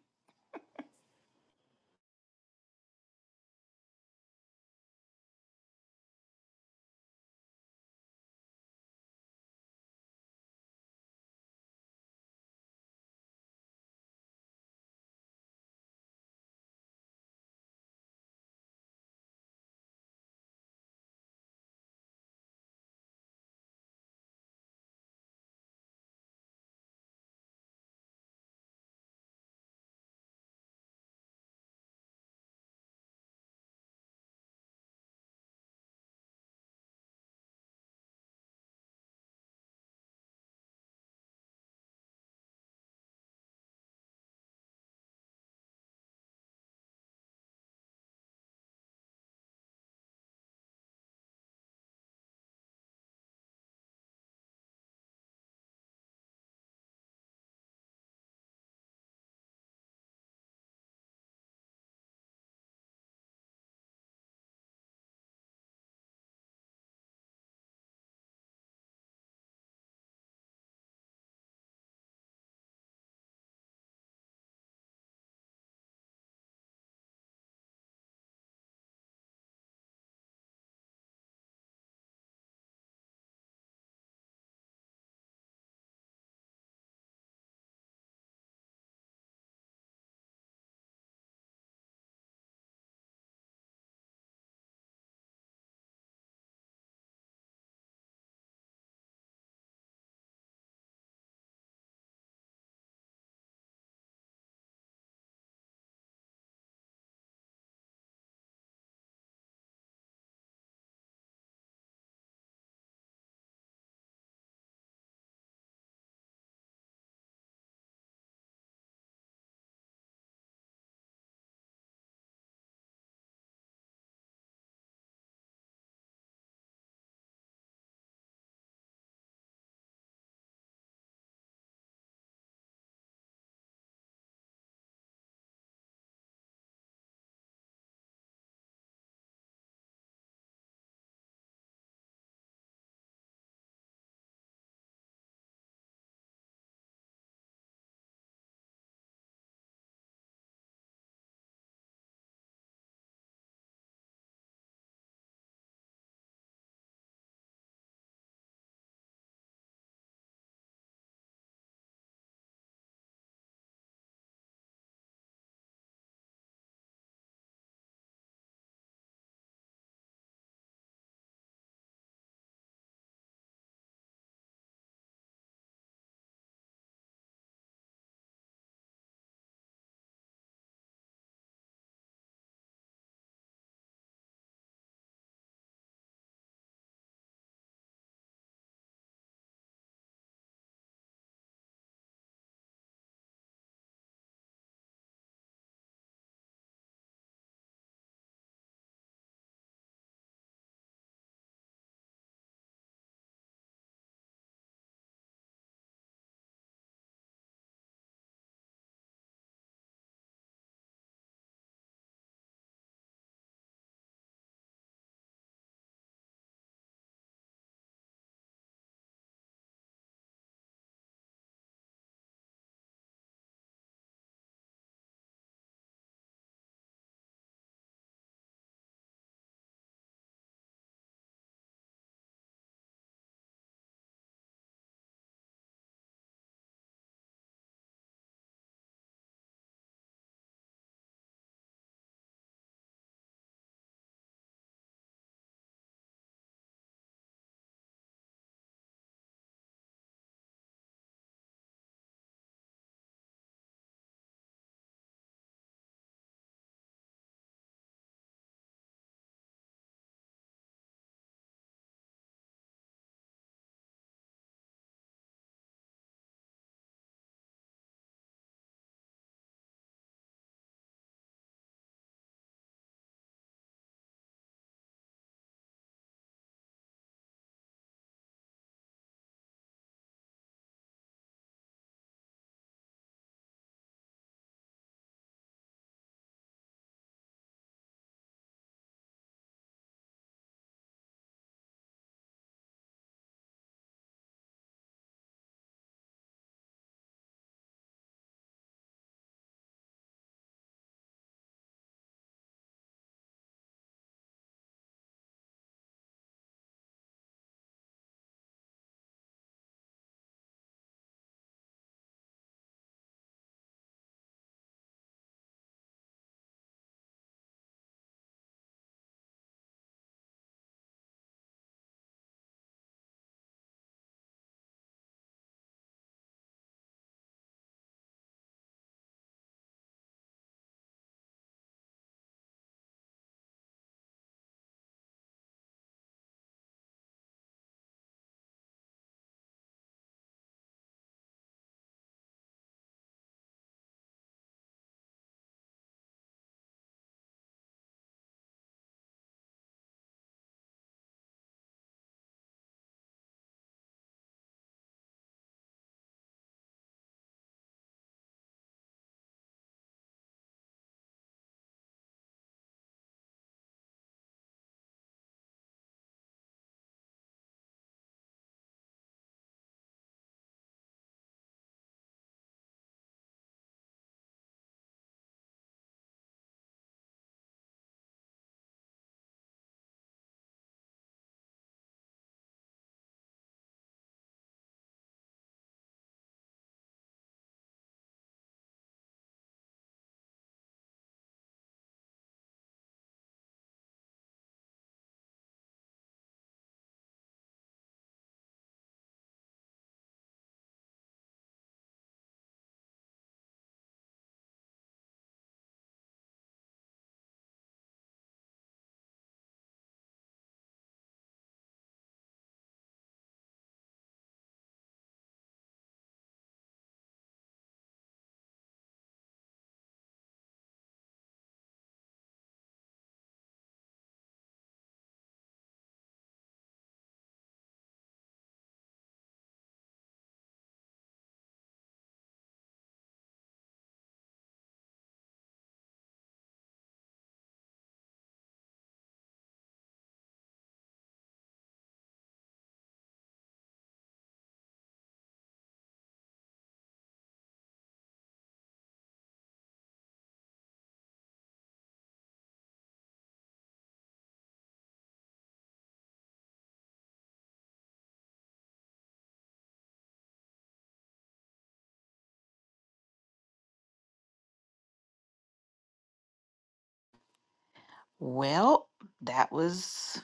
S2: Well, that was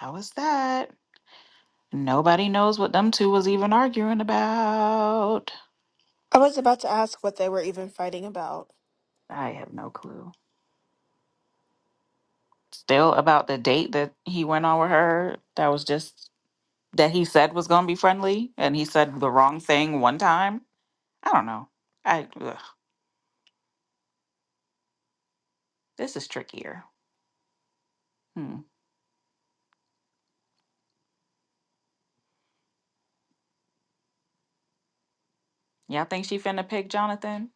S2: that was that. Nobody knows what them two was even arguing about.
S1: I was about to ask what they were even fighting about.
S2: I have no clue. still about the date that he went on with her that was just that he said was going to be friendly and he said the wrong thing one time i don't know i ugh, this is trickier hmm. y'all think she finna pick jonathan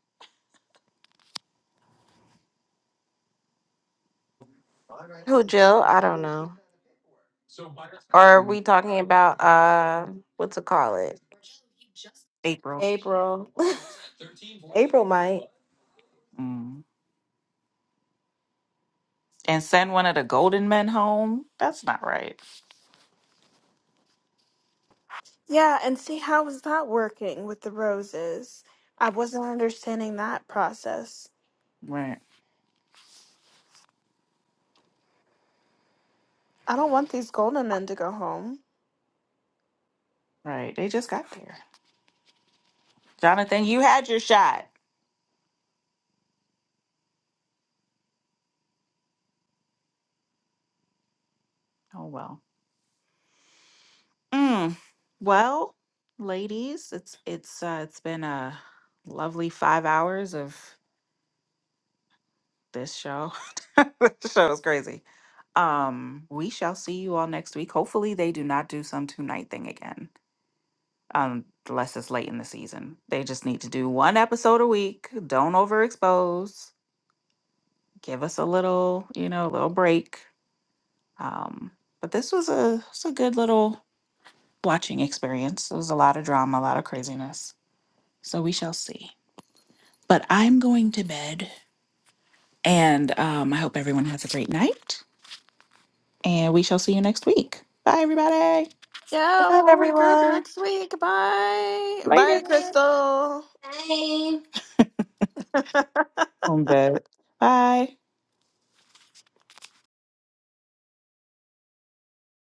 S3: Who Jill? I don't know. Or are
S2: Mm.
S3: we talking about uh what to call it?
S2: april
S3: April. April might.
S2: mm. and send one of the golden men home that's not right
S1: Yeah, and see how was that working with the roses? I wasn't understanding that process.
S2: right
S1: I don't want these golden men to go home.
S2: right they just got there jonathan you had your shot oh well mm. well ladies it's it's uh it's been a lovely five hours of This show, this show is crazy. Um, we shall see you all next week. Hopefully, they do not do some two night thing again, um, unless it's late in the season. They just need to do one episode a week. Don't overexpose. Give us a little, you know, a little break. Um, but this was a it's a good little watching experience. It was a lot of drama, a lot of craziness. So we shall see. But I'm going to bed, and um, I hope everyone has a great night. And we shall see you next week. Bye, everybody.
S3: Good
S1: Yeah,
S3: night,
S1: we'll regroup
S3: everyone.
S1: next week. Bye.
S2: Later.
S1: Bye, Crystal.
S2: On bed. Bye.